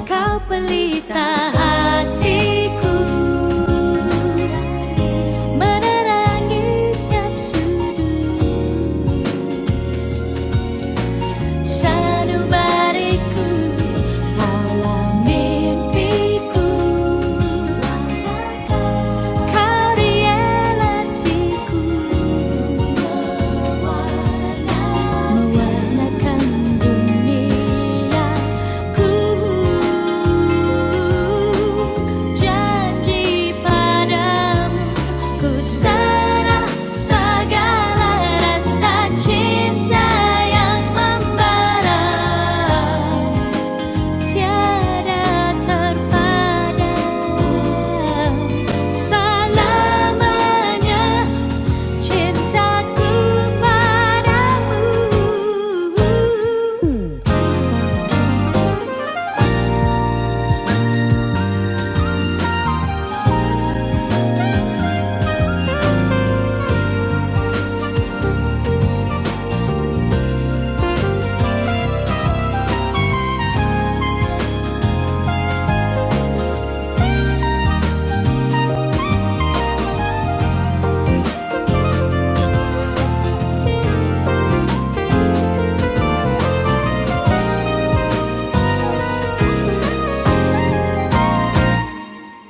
kau pelita hatiku, menerangi setiap sudut. Shadow balikku dalam mimpiku Kau dielatiku Mewarnakan dunia Ku janji padamu, ku serah segala rasa cinta yang membara, tiada terpadam. Selamanya cintaku padamu.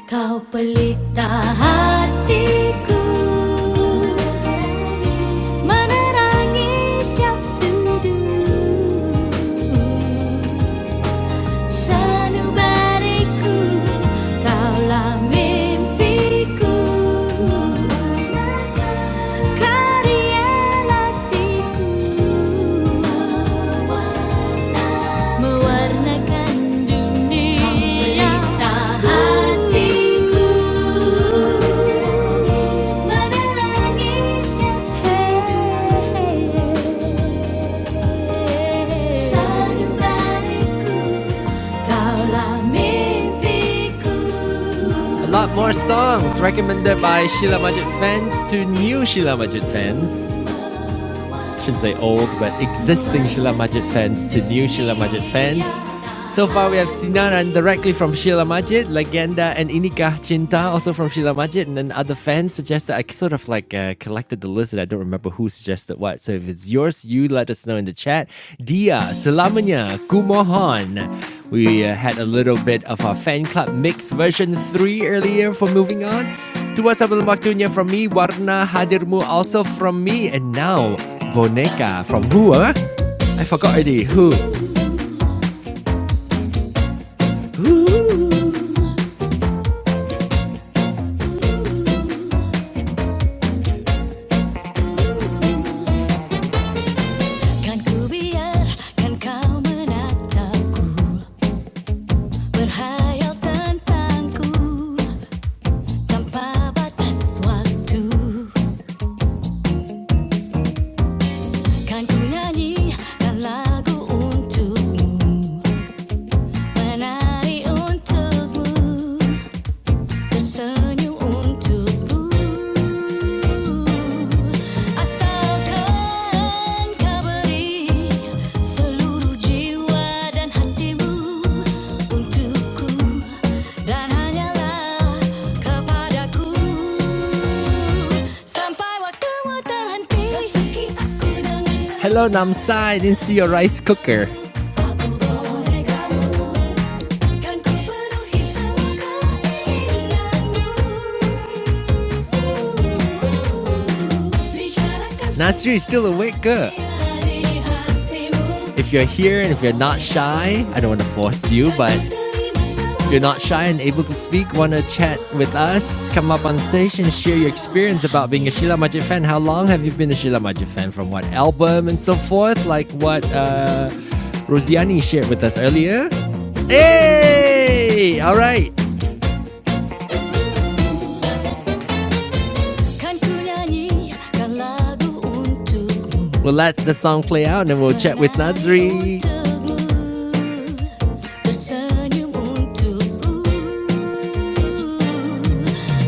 Kau pelita hatiku Menerangi setiap sudut Sanubariku, kaulah mimpiku, karya hatiku, mewarnakan dunia, memberita menerangi setiap senja. A lot more songs recommended by Sheila Majid fans to new Sheila Majid fans shouldn't say old, but existing Sheila Majid fans to new Sheila Majid fans. So far, we have Sinaran directly from Sheila Majid, Legenda, and Inikah Cinta also from Sheila Majid, and then other fans suggested. I sort of like uh, collected the list, and I don't remember who suggested what. So if it's yours, you let us know in the chat. Dia, Selamanya, Kumohon. We uh, had a little bit of our fan club mix version three earlier for moving on. Tua Sebelum Waktunya from me, Warna Hadirmu also from me, and now Boneka from who? Huh? I forgot already. Who? lagu untukmu Menari untukmu Hello Namsa, I didn't see your rice cooker. Can't keep enough of you. Natsuri is still awake, girl. If you're here and if you're not shy, I don't want to force you, but if you're not shy and able to speak, want to chat with us, come up on stage and share your experience about being a Sheila Majid fan. How long have you been a Sheila Majid fan? From what album and so forth? Like what uh, Rosiani shared with us earlier? Hey! All right. We'll let the song play out and then we'll chat with Nazri. Tersenyum untukmu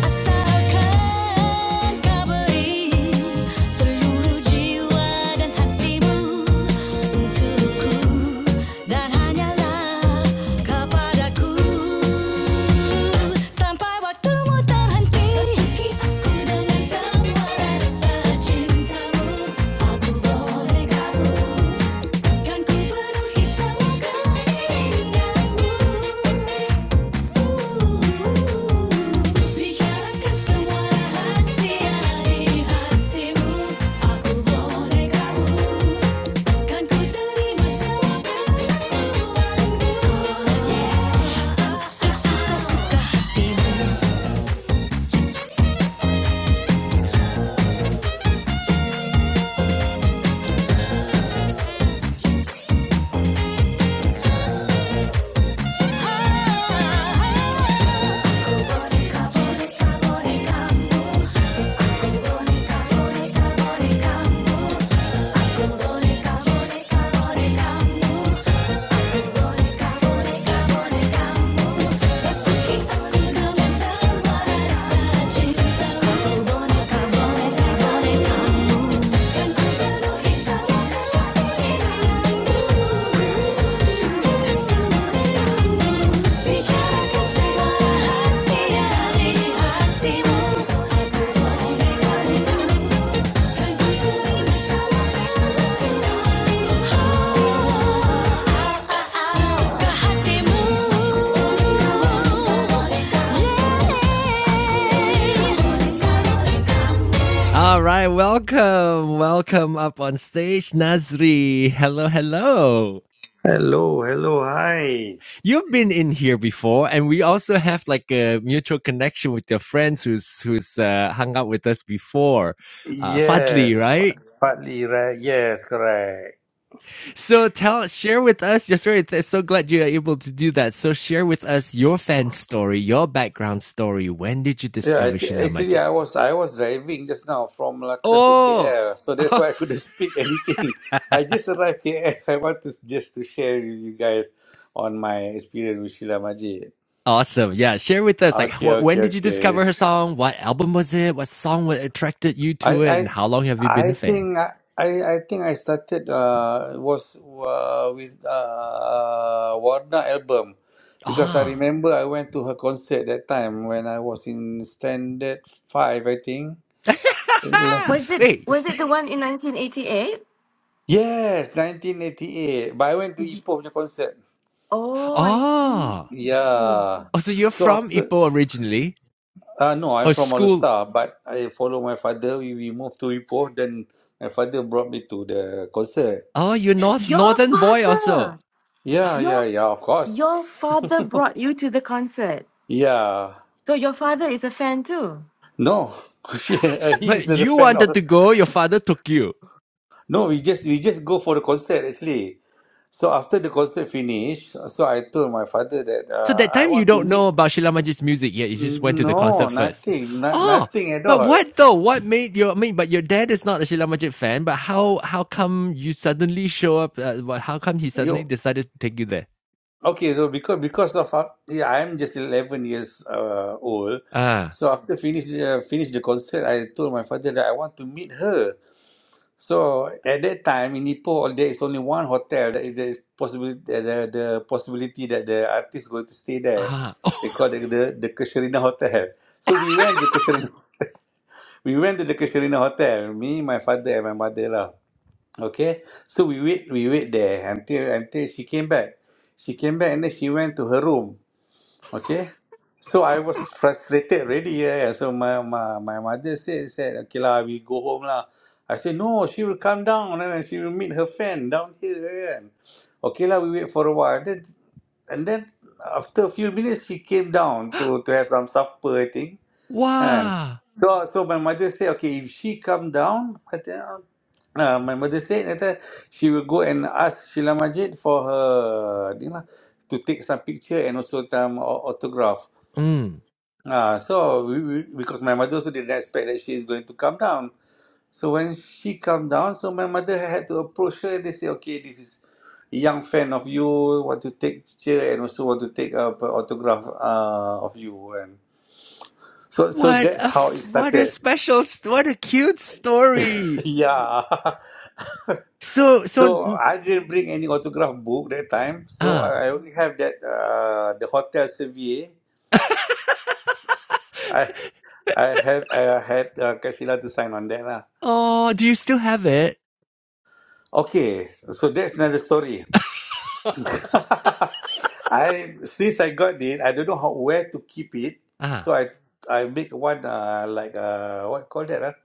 Asalkan kau beri Seluruh jiwa dan hatimu Untukku Dan hanyalah kepadaku Sampai waktumu terhenti Aku dengan semua rasa cintamu Aku boleh kabur Kan ku penuhi semua keinginanmu Bicarakan semua rahasia di hatimu Aku boleh kau Kan ku terima semua pengakuanmu Sesuka-suka hatimu Kau boneka, boneka, boneka, boneka, bonekamu Boneka, boneka, boneka Bicarakan segala rahasia di hatimu Aku bolehkan dirimu Kan ku terima semua perilakumu all right, welcome, welcome up on stage, Nazri. Hello, hello. Hello, hello, hi. You've been in here before, and we also have like a mutual connection with your friends who's who's uh, hung out with us before, uh, Fadli, Yes, right? fa- partly right. Yes, correct. So tell, share with us your story. Th- So glad you are able to do that. So share with us your fan story, your background story. When did you Yeah, discover actu- Sheila actually, Majid? I was I was driving just now from Malacca to Oh, KL, so that's why I couldn't [laughs] speak anything. I just arrived KL. I want to s- just to share with you guys on my experience with Sheila Majid. awesome! Yeah, share with us. Like, Okay, wh- okay, when did you okay. discover her song? What album was it? What song what attracted you I to it? I And how long have you I been a fan? think I I think I started uh was uh, with uh Warna album because I Ah, remember I went to her concert that time when I was in standard five I think. [laughs] Ele- Was it wait. was it the one in 1988? Yes, 1988. But I went to Y- Ipoh punya concert. Oh, I see. Oh, Yeah. oh. So you're So from after Ipoh originally, uh, no, I'm or from school? Alustar, but I follow my father. We, we moved to Ipoh. Then my father brought me to the concert. Oh, you're north Your northern boy also. father, Yeah, your yeah, f- yeah. Of course. your father brought you to the concert. Yeah. So your father is a fan too. No, [laughs] yeah, he But is a you fan. wanted to Or go. Your father took you. no, we just we just go for the concert actually. So after the concert finish, so I told my father that So uh, that I time you want to don't know meet. about Sheila Majid's music yet. You just went to the No, concert first. nothing, not, Oh, nothing at but all. what though? What made your? I mean, but your dad is not a Sheila Majid fan. But how how come you suddenly show up? Uh, how come he suddenly You decided to take you there? okay? So because because of uh, yeah, I'm just eleven years uh, old. Ah, So after finish uh, finish the concert, I told my father that I want to meet her. So at that time in Ipoh, there is only one hotel. There is there is possibility the, the the possibility that the artist going to stay there. ah, oh, They call the the, the Kasherina Hotel. So we went to Kasherina. We went to the Kasherina Hotel. Me, my father, and my mother lah. Okay. So we wait we wait there until until she came back. She came back and then she went to her room. Okay. So I was frustrated already. Yeah. yeah. So my, my, my mother said, said, okay lah, we go home lah. I said, no, she will come down and then she will meet her friend down here. And, okay lah, we wait for a while. Then, and then after a few minutes, she came down to, to have some supper, I think. And wow. so, so my mother say, okay, if she come down, I think, uh, my mother said that uh, she will go and ask Sheila Majid for her, you know, to take some picture and also some au- autograph. Mm. Uh, so, we, we, because my mother also didn't expect that she is going to come down. So when she come down, so my mother had to approach her and they say, okay, this is a young fan of you, want to take picture and also want to take a autograph uh, of you. And so, so What that's a how it f- what a started. special s- what a cute [laughs] story. Yeah. [laughs] So so So n- I didn't bring any autograph book that time. So ah I I only have that uh the hotel survey. I I had I had uh, Kashila to sign on that lah. oh, do you still have it? Okay, so that's another story. [laughs] I since I got it, I don't know how where to keep it. Ah So I I make one uh like uh what call that ah,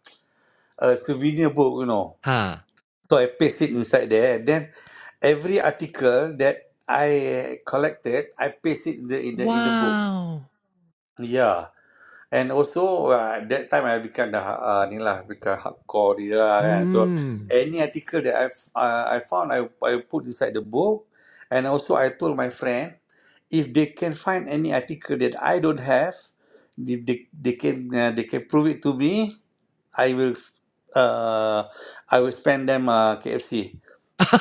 a souvenir book, you know. ha. So I paste it inside there. And then every article that I collected, I paste it in the in the, in the book. Wow. Yeah. And also uh, that time I become the uh, ni lah become hardcore ni lah kan. So Mm. any article that I uh, I found I I put inside the book, and also I told my friend if they can find any article that I don't have, if they they can uh, they can prove it to me, I will uh I will spend them uh, KFC. [laughs]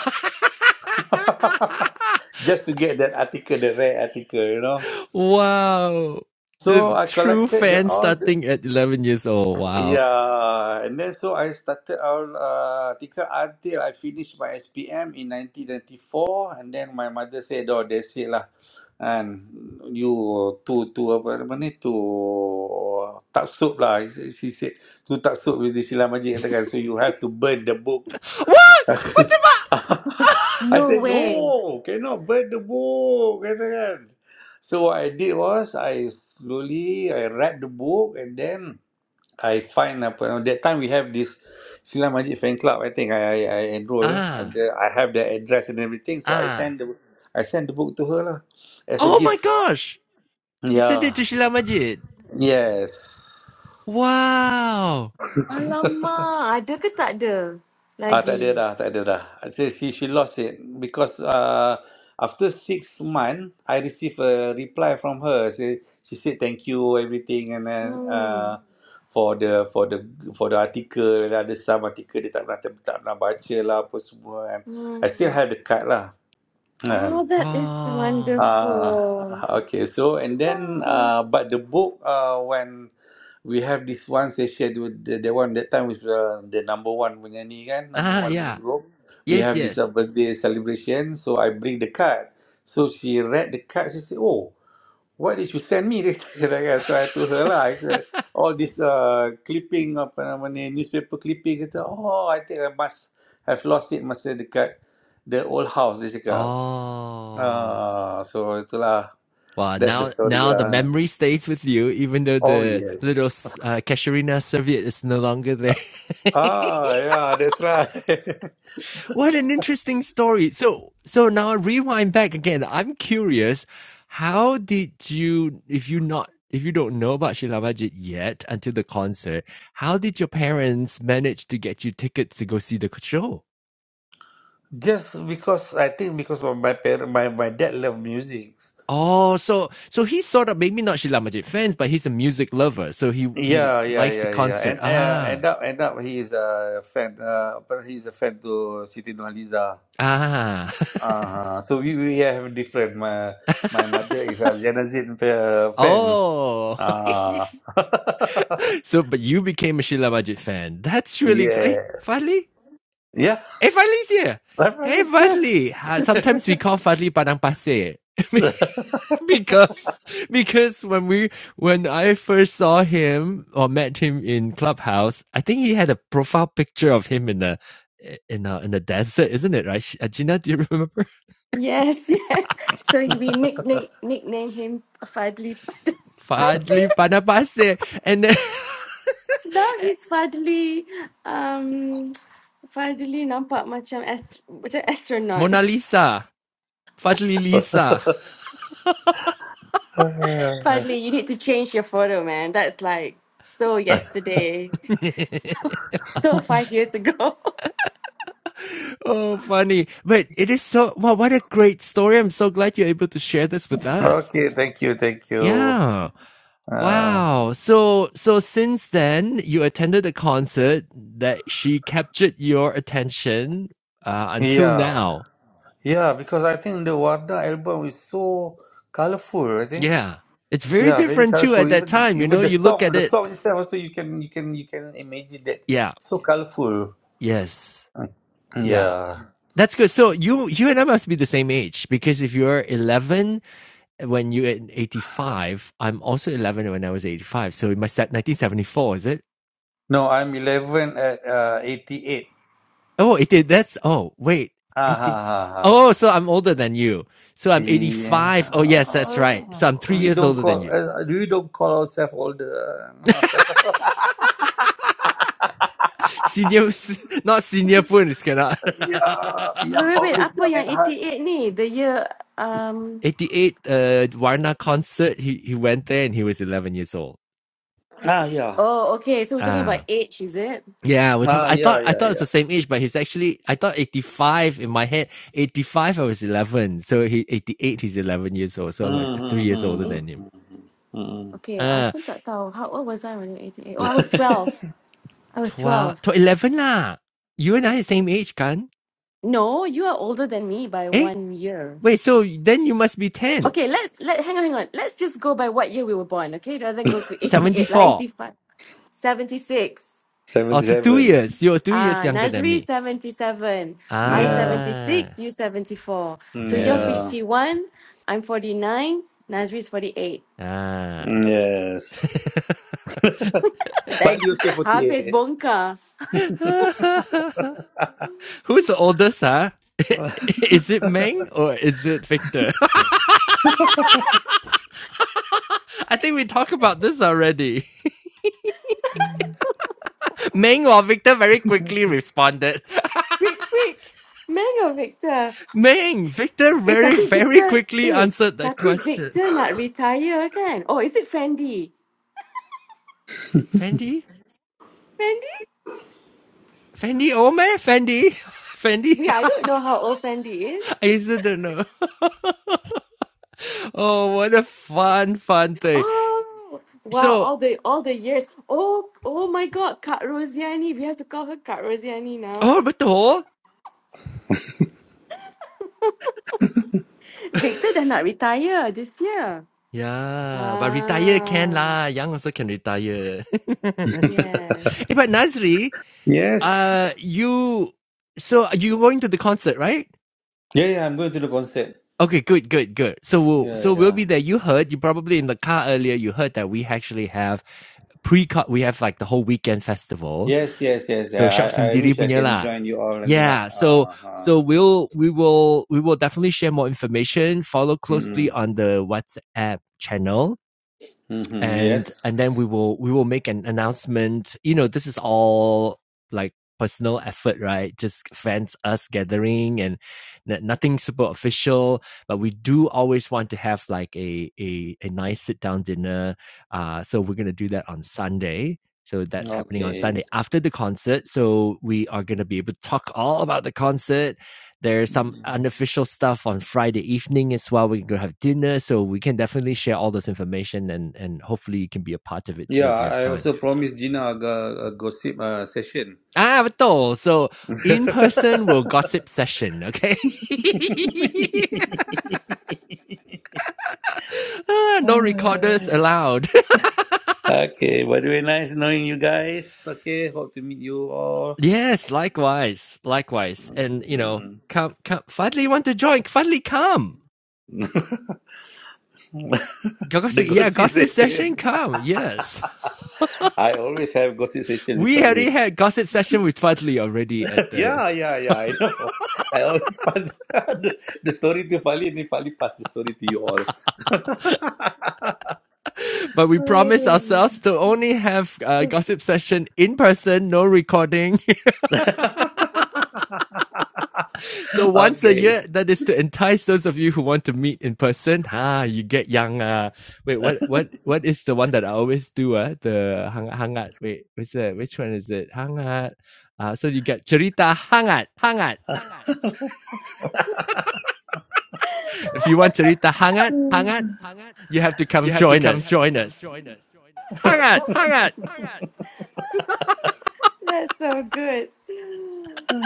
[laughs] Just to get that article, the rare article, you know. wow. So The I true collected the fan all the starting at 11 years old. Wow. yeah, and then so I started all uh, article until I finished my SPM in 1994, and then my mother said, "Oh, that's it lah," and you to to apa nama ni to taksub lah. She she said to taksub with the Sheila Majid katakan, so you have to burn the book What? What the fuck? [laughs] I No said, way. no, cannot burn the book. Kata kan. So what I did was, I slowly, I read the book and then I find, apa, nama- that time we have this Sheila Majid fan club, I think I, I, I enroll. And Ah. the, I have the address and everything. So I Ah. send the, I send the book to her lah, as a Oh my gift. gosh. You sent it to Yeah. Sheila Majid. Yes. Wow. Alamak, ada ke tak ada Ah, tak ada lagi? dah, tak ada dah. Actually, she she lost it because uh, after six months I received a reply from her. She she said thank you everything and then Hmm. uh, for the for the for the article and ada some article dia tak pernah tak, tak pernah baca lah apa semua and I still Hmm. have the card lah. [clears throat] Oh, that is Oh. Uh, wonderful. [laughs] okay, so and then Yes. uh, but the book uh, when we have this one session with the, the one that time with uh, the number one punya ni kan, number Ah, one punya yeah. group. We Yes, have this yes. uh, birthday celebration, so I bring the card. So she read the card, she said, "Oh, why did you send me this?" [laughs] Dia kata, so I told her lah, I said, all this uh, clipping apa nama ni newspaper clipping kata, "Oh, I think I must have lost it masa dekat the old house," dia cakap. Oh. Ah, so itulah Wow. that's the Now, story. now the Uh, memory stays with you, even though oh the little yes. uh, casuarina serviette is no longer there. [laughs] Ah, yeah, that's right. What an interesting story. So, so now rewind back again. I'm curious, how did you, if you not, if you don't know about Sheila Majid yet until the concert, how did your parents manage to get you tickets to go see the show? [laughs] Just because I think because of my parent, my, my dad loved music. Oh, so so he's sort of maybe not Sheila Majid fans, but he's a music lover, so he he Yeah, yeah, likes the yeah, yeah. concert. And uh, Ah, end up, end up, he is a fan. Uh, but he's a fan to Siti Nurhaliza. ah, Uh, so we we have different. My my mother is a Janazin uh, [laughs] fan. oh. [laughs] Uh, [laughs] So, but you became a Sheila Majid fan. That's really good. Hey, yes. finally, Yeah, Hey, Fadli's here. Hey, definitely. Fadli. Uh, sometimes we call Fadli Padang Pasir [laughs] because because when we when I first saw him or met him in Clubhouse, I think he had a profile picture of him in a in a in the desert, isn't it? Right, Sh- uh, Gina? Do you remember Yes, [laughs] yes. So we nick, nick, nickname him Fadli [laughs] Pasir. Fadli [laughs] Padang Pasir and then No, he's finally um finally nampak macam ast- macam [laughs] astronaut. Mona Lisa? Fadli Lisa. [laughs] Yeah. [laughs] Finally, you need to change your photo, man. That's like so yesterday. [laughs] So [laughs] so five years ago. [laughs] oh, funny! But it is so. Wow, what a great story! I'm so glad you're able to share this with us. Okay, thank you, thank you. Yeah. Uh, Wow. So so since then, you attended a concert that she captured your attention uh, until yeah, now. yeah, because I think the Warna album is so colorful. I think, Yeah. It's very yeah, very different too colorful. at that Even time, you even know, the you look at song, the it. song itself also you can you can you can imagine that Yeah. so colorful. Yes. Yeah. Yeah. That's good. So you you and I must be the same age because if you're 11 when you are in 85, I'm also 11 when I was 85. So it must that 1974, is it? No, I'm eleven at uh, eighty eight. Oh, it did. That's oh wait, Ah it ha did. ha ha. Oh, so I'm older than you. So I'm Yeah. 85. Oh yes, that's right. Oh, So I'm three we years don't older than call you. uh, uh, we don't call ourselves older. [laughs] [laughs] Senior, not senior Poon is cannot. yeah, Wait, young wait, wait. always Apa young at yang heart. 88 ni? The year [laughs] um 88 uh Warna concert. He he went there and he was 11 years old. Ah yeah. Oh, okay. So we're talking about Ah. age, is it? Yeah, we're talking. Ah, I thought yeah, I yeah, thought it's yeah. the same age, but he's actually I thought eighty five in my head. Eighty five, I was eleven, so he eighty eight, he's eleven years old, so I'm like three years older Eight, than him. Mm-hmm. okay, I Ah. pun tak tahu. How old was I when I was 88? Oh, I was 12. I was 12, 12. to 11 lah. You and I are the same age kan? No, you are older than me by Eh? one year. Wait, so then you must be 10. Okay, let's let hang on, hang on. Let's just go by what year we were born, okay? Rather than go to 88, like 74. 85. 76. Oh, so two Seventy-seven. years. You're two years Ah, younger than Nazri me. 77. I Yeah, 76, Ah, you 74. mm, So you're yeah, yes. 51, I'm 49, Nazri's 48. [laughs] Ah. mm, yes. [laughs] Value Like, yourself for the habis [laughs] bongkar. Who's the oldest, huh? [laughs] is it Meng or is it Victor? [laughs] I think we talked about this already. [laughs] Meng or Victor very quickly responded. [laughs] Quick, quick. Mango, Victor. Meng Victor Eh, very, tapi very Victor, quickly eh, answered that tapi question. Victor not retire kan? Oh, is it Fendi? Fendi? Fendi? Fendi Ome? Fendi? [laughs] Fendi? We, I don't know how old Fendi is. I still don't know. [laughs] oh, what a fun, fun thing. Oh wow, So, all the all the years. Oh oh my god, Kak Rosiani. We have to call her Kak Rosiani now. oh, betul? Victor dah nak retire this year. Yeah, but retire can Ah lah. Young also can retire. [laughs] yes. Eh, but Nazri, yes. uh, you, so you going to the concert, right? Yeah, yeah. I'm going to the concert. Okay, good, good, good. So we'll, Yeah, so we'll yeah. be there. You heard, you probably in the car earlier, you heard that we actually have pre cut we have like the whole weekend festival. Yes, yes, yes. So Shock Yeah. I, I Sendiri wish I punya can lah. join you all. And uh, Yeah, so uh, so we'll we will we will definitely share more information. Follow mm-hmm. closely on the WhatsApp channel Mm-hmm. and and then Yes. we will we will make an announcement you know this is all like personal effort right just fans us gathering and nothing super official but we do always want to have like a a, a nice sit down dinner uh so we're going to do that on sunday so that's happening on Okay. sunday after the concert so we are going to be able to talk all about the concert there's some unofficial stuff on Friday evening as well. We're gonna have dinner, so we can definitely share all this information, and and hopefully you can be a part of it too Yeah, if you have I time. also promised Gina a, a gossip uh, session. Ah, betul. So in person will gossip session, okay? [laughs] Ah, no recorders [laughs] allowed. Okay, By the way, nice knowing you guys. Okay, hope to meet you [laughs] all. yes, likewise, likewise, and you know, Mm. come, come. Finally, want to join? Finally, come. [laughs] the Gossip, yeah, ghosting gossip session, session. come. Yes. [laughs] I always have ghosting session with We already Fali. had gossip session with Fadli already at [laughs] the yeah, yeah, yeah, I know. I always [laughs] pass the, the story to Fali and then Fali pass the story to you all. [laughs] But we promise Aduh. ourselves to only have a gossip session in person, no recording. [laughs] so [laughs] once a okay. year, that is to entice those of you who want to meet in person. Ah, you get young. Uh. Wait, what, what, what is the one that I always do? Uh? The hang, hangat. Wait, what's that? Which one is it? Hangat. Uh, so you get cerita hangat, hangat, hangat. If you want cerita hangat, hangat, hangat, you have to come have join to come us. Join us. Join us. Hangat, hangat, hangat. That's so good.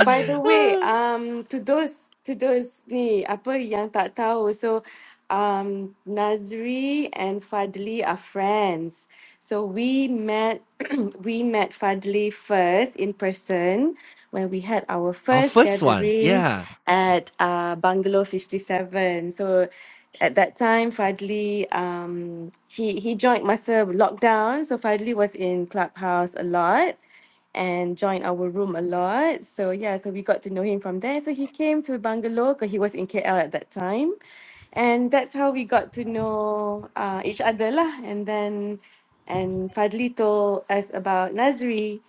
By the way, um, to those to those ni apa yang tak tahu, so um, Nazri and Fadli are friends. So we met [clears throat] we met Fadli first in person when we had our Our first first one, gathering yeah. at uh, Bungalow Fifty Seven. So at that time, Fadli um, he he joined masa lockdown, so Fadli was in Clubhouse a lot and joined our room a lot. So yeah, so we got to know him from there. So he came to Bangalore because he was in KL at that time. And that's how we got to know uh, each other lah. And then and Fadli told us about Nazri.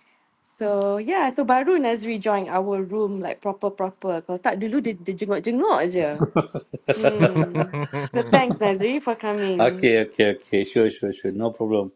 So yeah, so baru Nazri joined our room like proper proper. Kalau tak dulu dia, dia jenguk-jenguk je. Hmm. [laughs] So thanks Nazri for coming. Okay, okay, okay. Sure, sure, sure. No problem.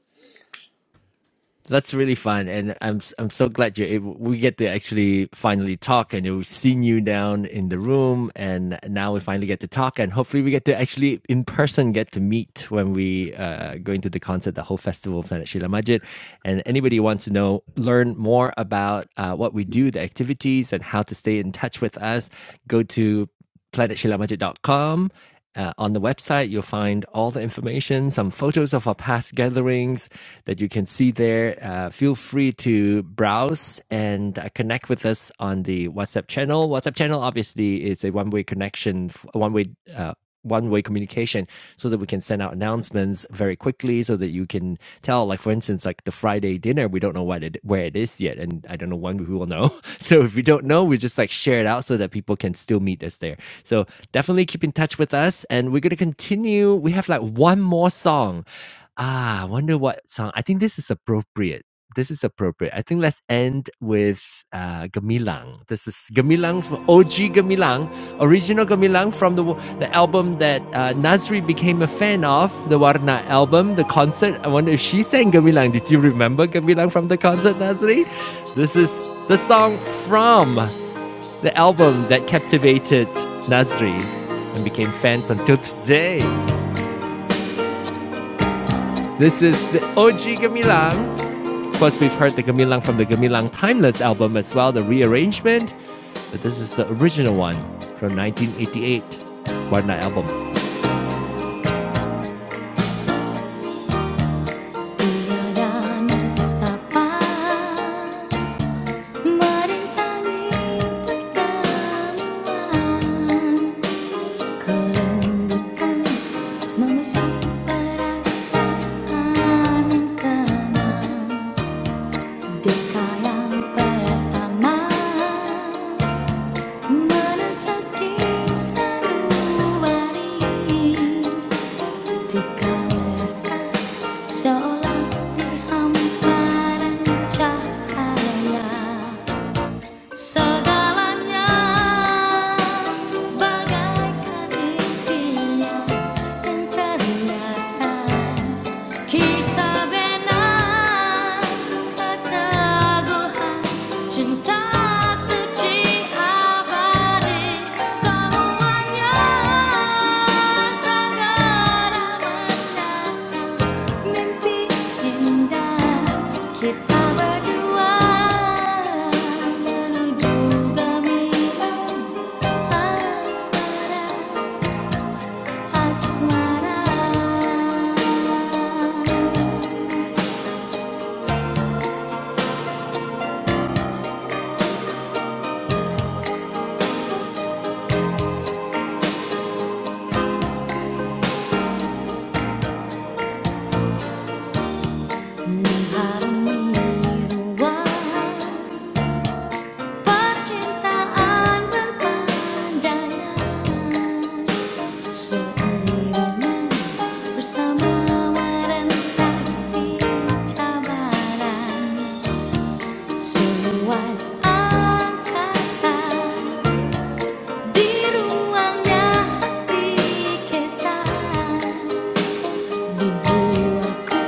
That's really fun, and I'm i I'm so glad you're able. We get to actually finally talk, and we've seen you down in the room, and now we finally get to talk, and hopefully we get to actually in person get to meet when we uh, go into the concert, the whole festival of Planet Shila Majid, and anybody who wants to know learn more about uh, what we do, the activities, and how to stay in touch with us, go to planetshilamagic.com. Uh, on the website, you'll find all the information, some photos of our past gatherings that you can see there. Uh, feel free to browse and uh, connect with us on the WhatsApp channel. WhatsApp channel, obviously, is a one way connection, one way. Uh, one-way communication so that we can send out announcements very quickly so that you can tell like for instance like the friday dinner we don't know what it where it is yet and i don't know when we will know [laughs] so if we don't know we just like share it out so that people can still meet us there so definitely keep in touch with us and we're going to continue we have like one more song ah I wonder what song i think this is appropriate this is appropriate. I think let's end with uh, Gamilang. This is Gamilang, from OG Gamilang, original Gamilang from the the album that uh, Nazri became a fan of, the Warna album, the concert. I wonder if she sang Gamilang. Did you remember Gamilang from the concert, Nazri? This is the song from the album that captivated Nazri and became fans until today. This is the OG Gamilang. Of course, we've heard the Gamilang from the Gamilang Timeless album as well, the rearrangement, but this is the original one from 1988, Warna album. Merasaki sanubari, tika merasa seolah dihamparan cahaya. Segalanya bagaikan impian yang ternyata Mimpi indah kita berdua menuju gemilang asmara asmara. Percintaan berpanjangan Seiringan bersama merentasi cabaran Seluas angkasa Di ruangnya hati kita Di jiwaku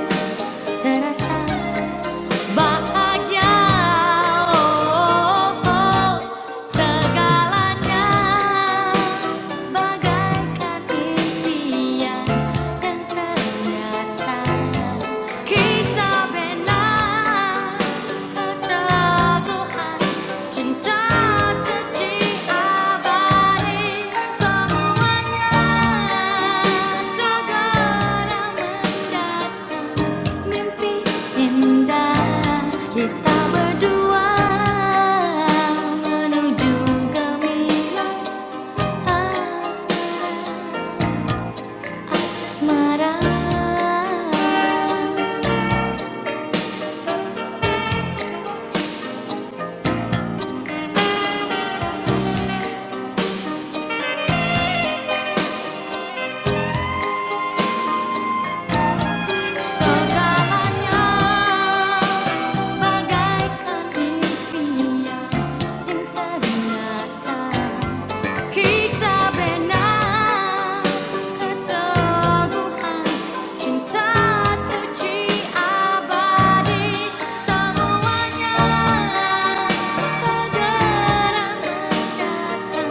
terasa Bahagia oh, oh, segalanya bagaikan impian yang ternyata kita benar keteguhan cinta suci abadi semuanya segera mendatang mimpi indah kita berdua menuju gemilang asmara asmara segalanya bagaikan impian yang terindah Kita benar keteguhan cinta suci abadi semuanya segera datang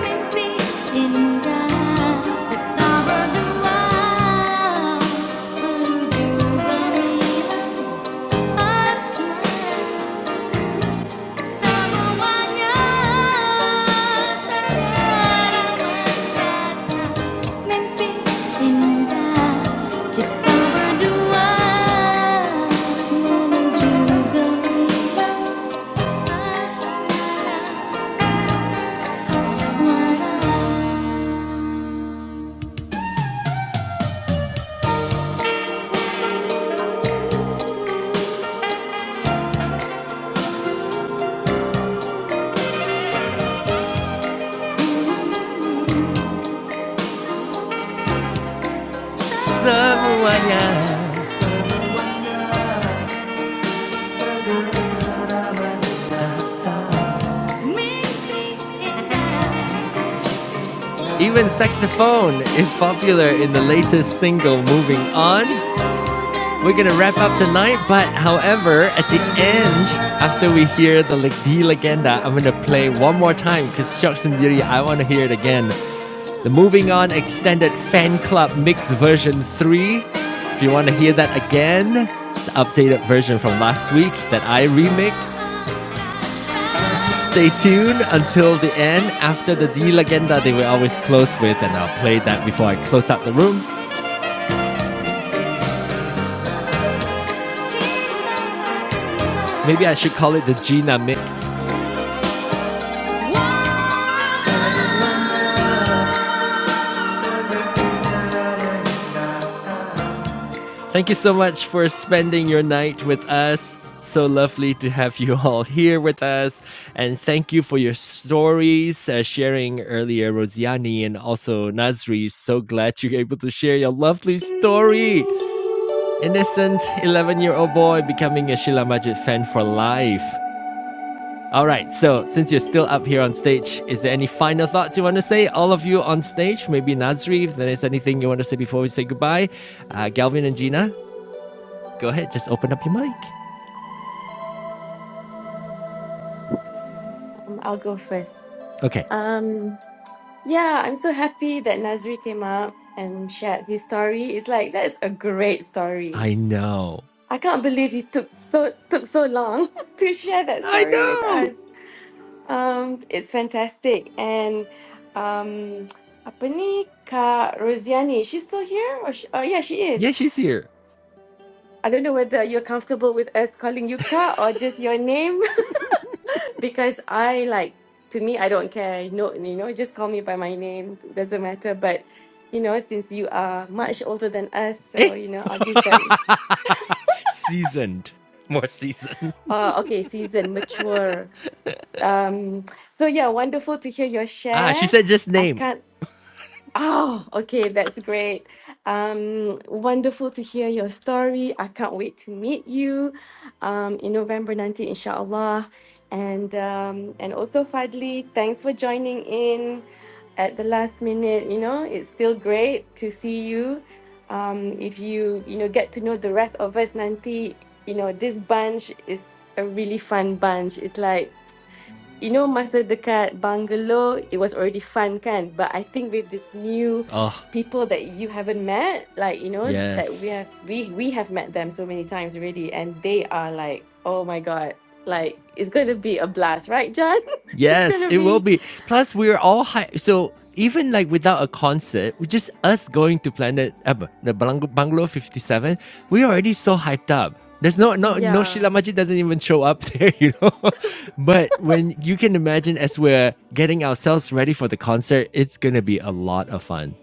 mimpi indah kita berdua menuju balik asmara. Semuanya Even saxophone is popular in the latest single Moving On. We're gonna wrap up tonight, but however, at the end, after we hear the Legdi Legenda, I'm gonna play one more time because Sharks and Yuri, I wanna hear it again. The Moving On Extended Fan Club Mix version 3. If you wanna hear that again, the updated version from last week that I remixed. Stay tuned until the end. After the D Legenda, they will always close with, and I'll play that before I close out the room. Maybe I should call it the Gina mix. Thank you so much for spending your night with us. So lovely to have you [laughs] all here with us. And thank you for your stories, uh, sharing earlier, Rosiani and also Nazri. So glad you're able to share your lovely story. Innocent 11 year old boy becoming a Sheila Majid fan for life. All right, so since you're still up here on stage, is there any final thoughts you want to say? All of you on stage, maybe Nazri, if there's anything you want to say before we say goodbye. Uh, Galvin and Gina? Go ahead, just open up your mic. Um, I'll go first. Okay. Um, Yeah, I'm so happy that Nazri came up and shared his story. It's like that's a great story. I know. I can't believe he took so took so long [laughs] to share that I story with know. us. Um, it's fantastic. And um, apa ni Kak Rosiani? She's still here? Or she, oh yeah, she is. Yeah, she's here. I don't know whether you're comfortable with us calling you Kak or just your name. because I like to me I don't care. No, you know, just call me by my name. It doesn't matter. But you know, since you are much older than us, Eh? so you know, I'll give [laughs] that. Re- seasoned. More seasoned. uh, okay, season mature. Um, so yeah, wonderful to hear your Ah, she share. said just I name. can't Oh, okay, that's great. Um, wonderful to hear your story. I can't wait to meet you um, in November 19, inshallah. And um, and also Fadli, thanks for joining in at the last minute. You know, it's still great to see you. Um, if you you know get to know the rest of us, Nanti, you know this bunch is a really fun bunch. It's like you know masa dekat bungalow it was already fun kan but I think with this new Oh, people that you haven't met like you know that yes. we have we we have met them so many times already and they are like oh my god like it's going to be a blast right John [laughs] it's going Yes, to it will be be. Plus, we're all high. So even like without a concert, we just us going to Planet uh, bu- the Bungalow, Bungalow Fifty Seven. We're already so hyped up. There's no no no Sheila yeah Majid doesn't even show up [laughs] there, you know. but when you can imagine as we're getting ourselves ready for the concert, it's gonna be a lot of fun.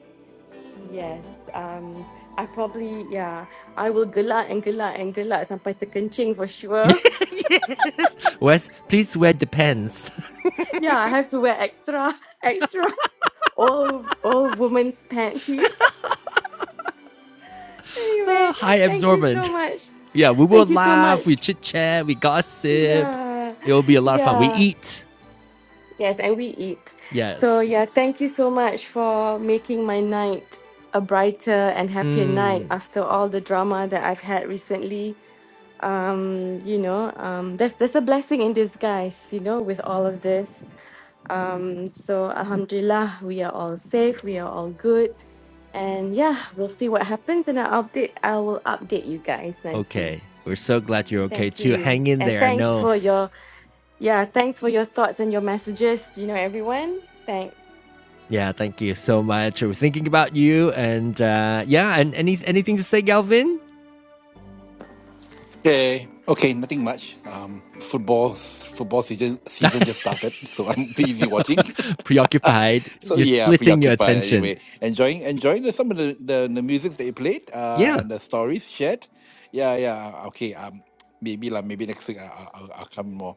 yes um I probably yeah I will gelak and gelak and gelak sampai terkencing for sure [laughs] yes, Wes, please wear the pants. [laughs] [laughs] yeah I have to wear extra [laughs] extra all all women's panties [laughs] Ah, anyway, high thank you absorbent. so [laughs] much. Yeah, we will Thank you so laugh, we much. chit chat, we gossip. Yeah, It will be a lot of fun. We yeah, eat. yes, and we eat. So, Yes. yeah, thank you so much for making my night a brighter and happier night after all the drama that I've had recently. Um, you know, um, there's there's a blessing in disguise, you know, with all of this. Um, so Alhamdulillah, we are all safe, we are all good, and yeah, we'll see what happens, and I'll update. I will update you guys nanti. Okay. We're so glad you're okay Thank too. you. Hang in And there. I thanks know. for your yeah, thanks for your thoughts and your messages, you know, everyone. Thanks. Yeah. Thank you so much. We're thinking about you. And uh, yeah. And any anything to say, Galvin? hey, okay, nothing much. Um, football, football season, season just started, so I'm [laughs] busy watching. Preoccupied. [laughs] so You're yeah, splitting your preoccupied attention. anyway. Enjoying, enjoying the, some of the, the the music that you played, uh, Yeah. and the stories shared. Yeah, yeah, okay. Um, maybe lah, maybe next week I, I- I'll, I'll come more.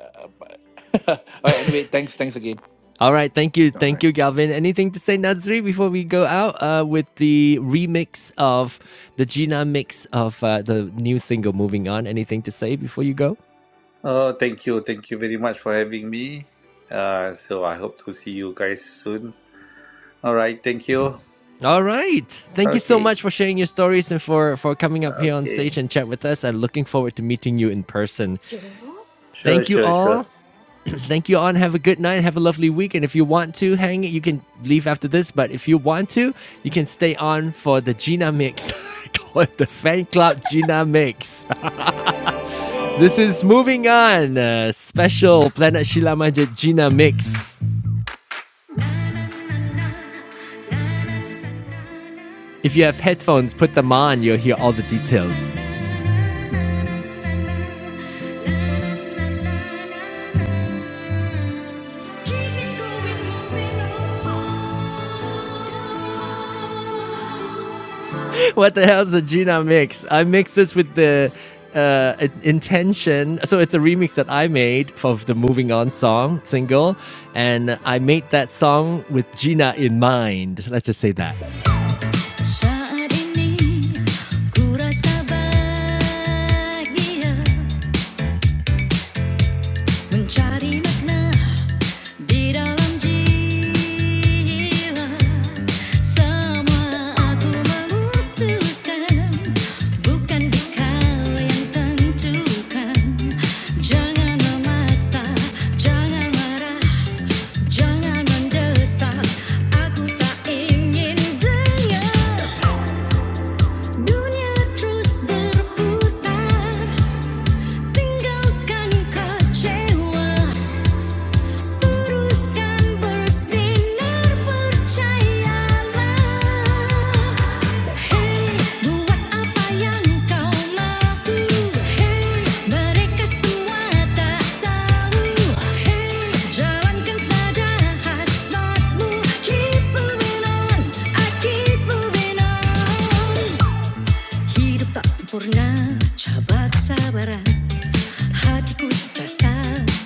Uh, but [laughs] all right. Anyway, thanks, thanks again. All right. Thank you. All Thank right. you, Galvin. Anything to say, Nazri, before we go out uh, with the remix of the Gina mix of uh, the new single "Moving On"? Anything to say before you go? Oh, thank you. Thank you very much for having me. Uh, so I hope to see you guys soon. All right. Thank you. All right. Thank you so Okay. much for sharing your stories and for for coming up here on Okay. stage and chat with us. I'm looking forward to meeting you in person. Sure. Sure, Thank you sure, sure. all. Thank you all and have a good night. Have a lovely week. And if you want to hang it, you can leave after this. But if you want to, you can stay on for the Gina Mix. [laughs] Call it the fan club Gina Mix. [laughs] This is Yay. moving on. A special Planet Shilamaja Gina Mix. If you have headphones, put them on. You'll hear all the details. what the hell is the Gina mix? I mixed this with the uh, intention. So it's a remix that I made of the Moving On song single, and I made that song with Gina in mind. Let's just say that. Saat ini ku rasa bahagia mencari makna Di dalam jiwa semua aku memutuskan bukan kau yang tentukan. Jangan memaksa, jangan marah, jangan mendesak. Aku tak ingin dengar dunia terus berputar. Tinggalkan kecewa teruskan bersinar percayalah Hey buat apa yang kau laku Hey mereka semua tak tahu Hey jalankan saja hasratmu Keep moving on, I keep moving on Hidup tak sempurna, cabak kesabaran. Hatiku terasa,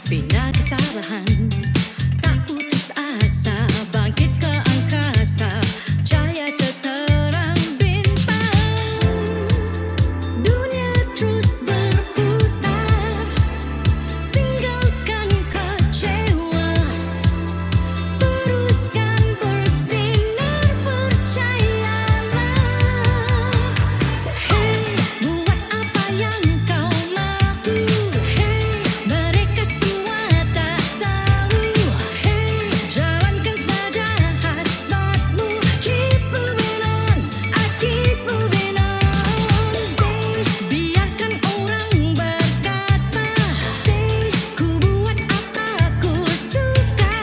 bina kesalahan Tak putus asa, bangkit ke angkasa Cahaya seterang bintang Dunia terus berputar Tinggalkan kecewa Keep moving on, I keep biarkan orang berkata ku buat apa aku suka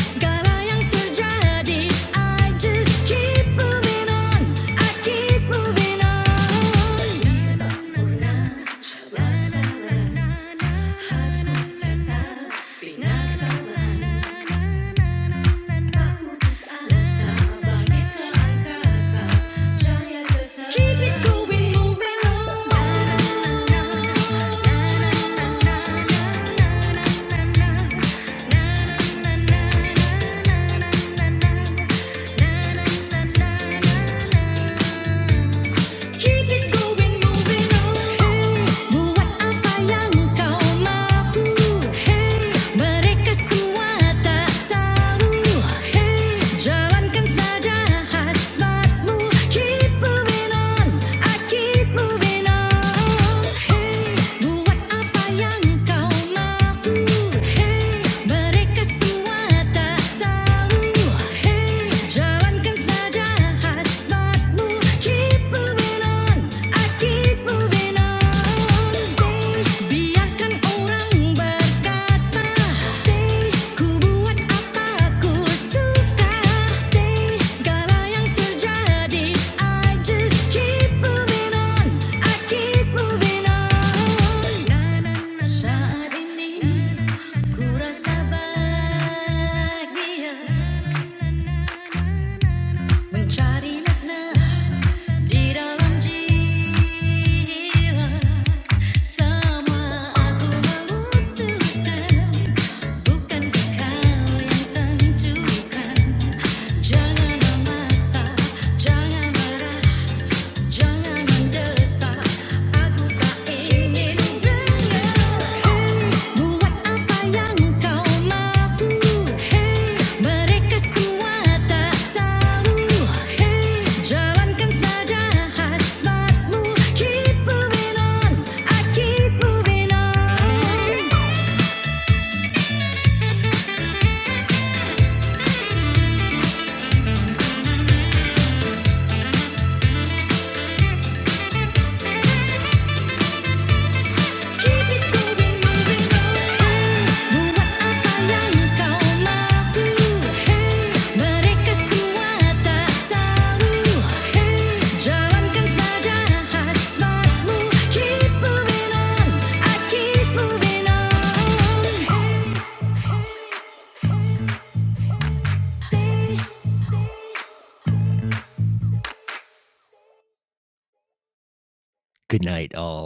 segala yang terjadi I just keep moving on I keep moving on Keep it going, moving on. Mereka semua tak tahu, hey. Hey, jalankan saja hasratmu. Keep moving on, I keep moving on. Stay, biarkan orang berkata. Stay, ku buat apa ku suka. Stay, segala yang terjadi. I just keep moving on, I keep moving on. Saat ini ku rasa bahagia. Mencari makna di dalam jiwa Semua aku memutuskan Bukan kau yang tentukan Jangan memaksa, jangan marah Hey, buat apa yang kau mahu? Hey, mereka semua tak tahu. Hey, jalankan saja hasratmu. Keep moving on, I keep moving on. Good night, all.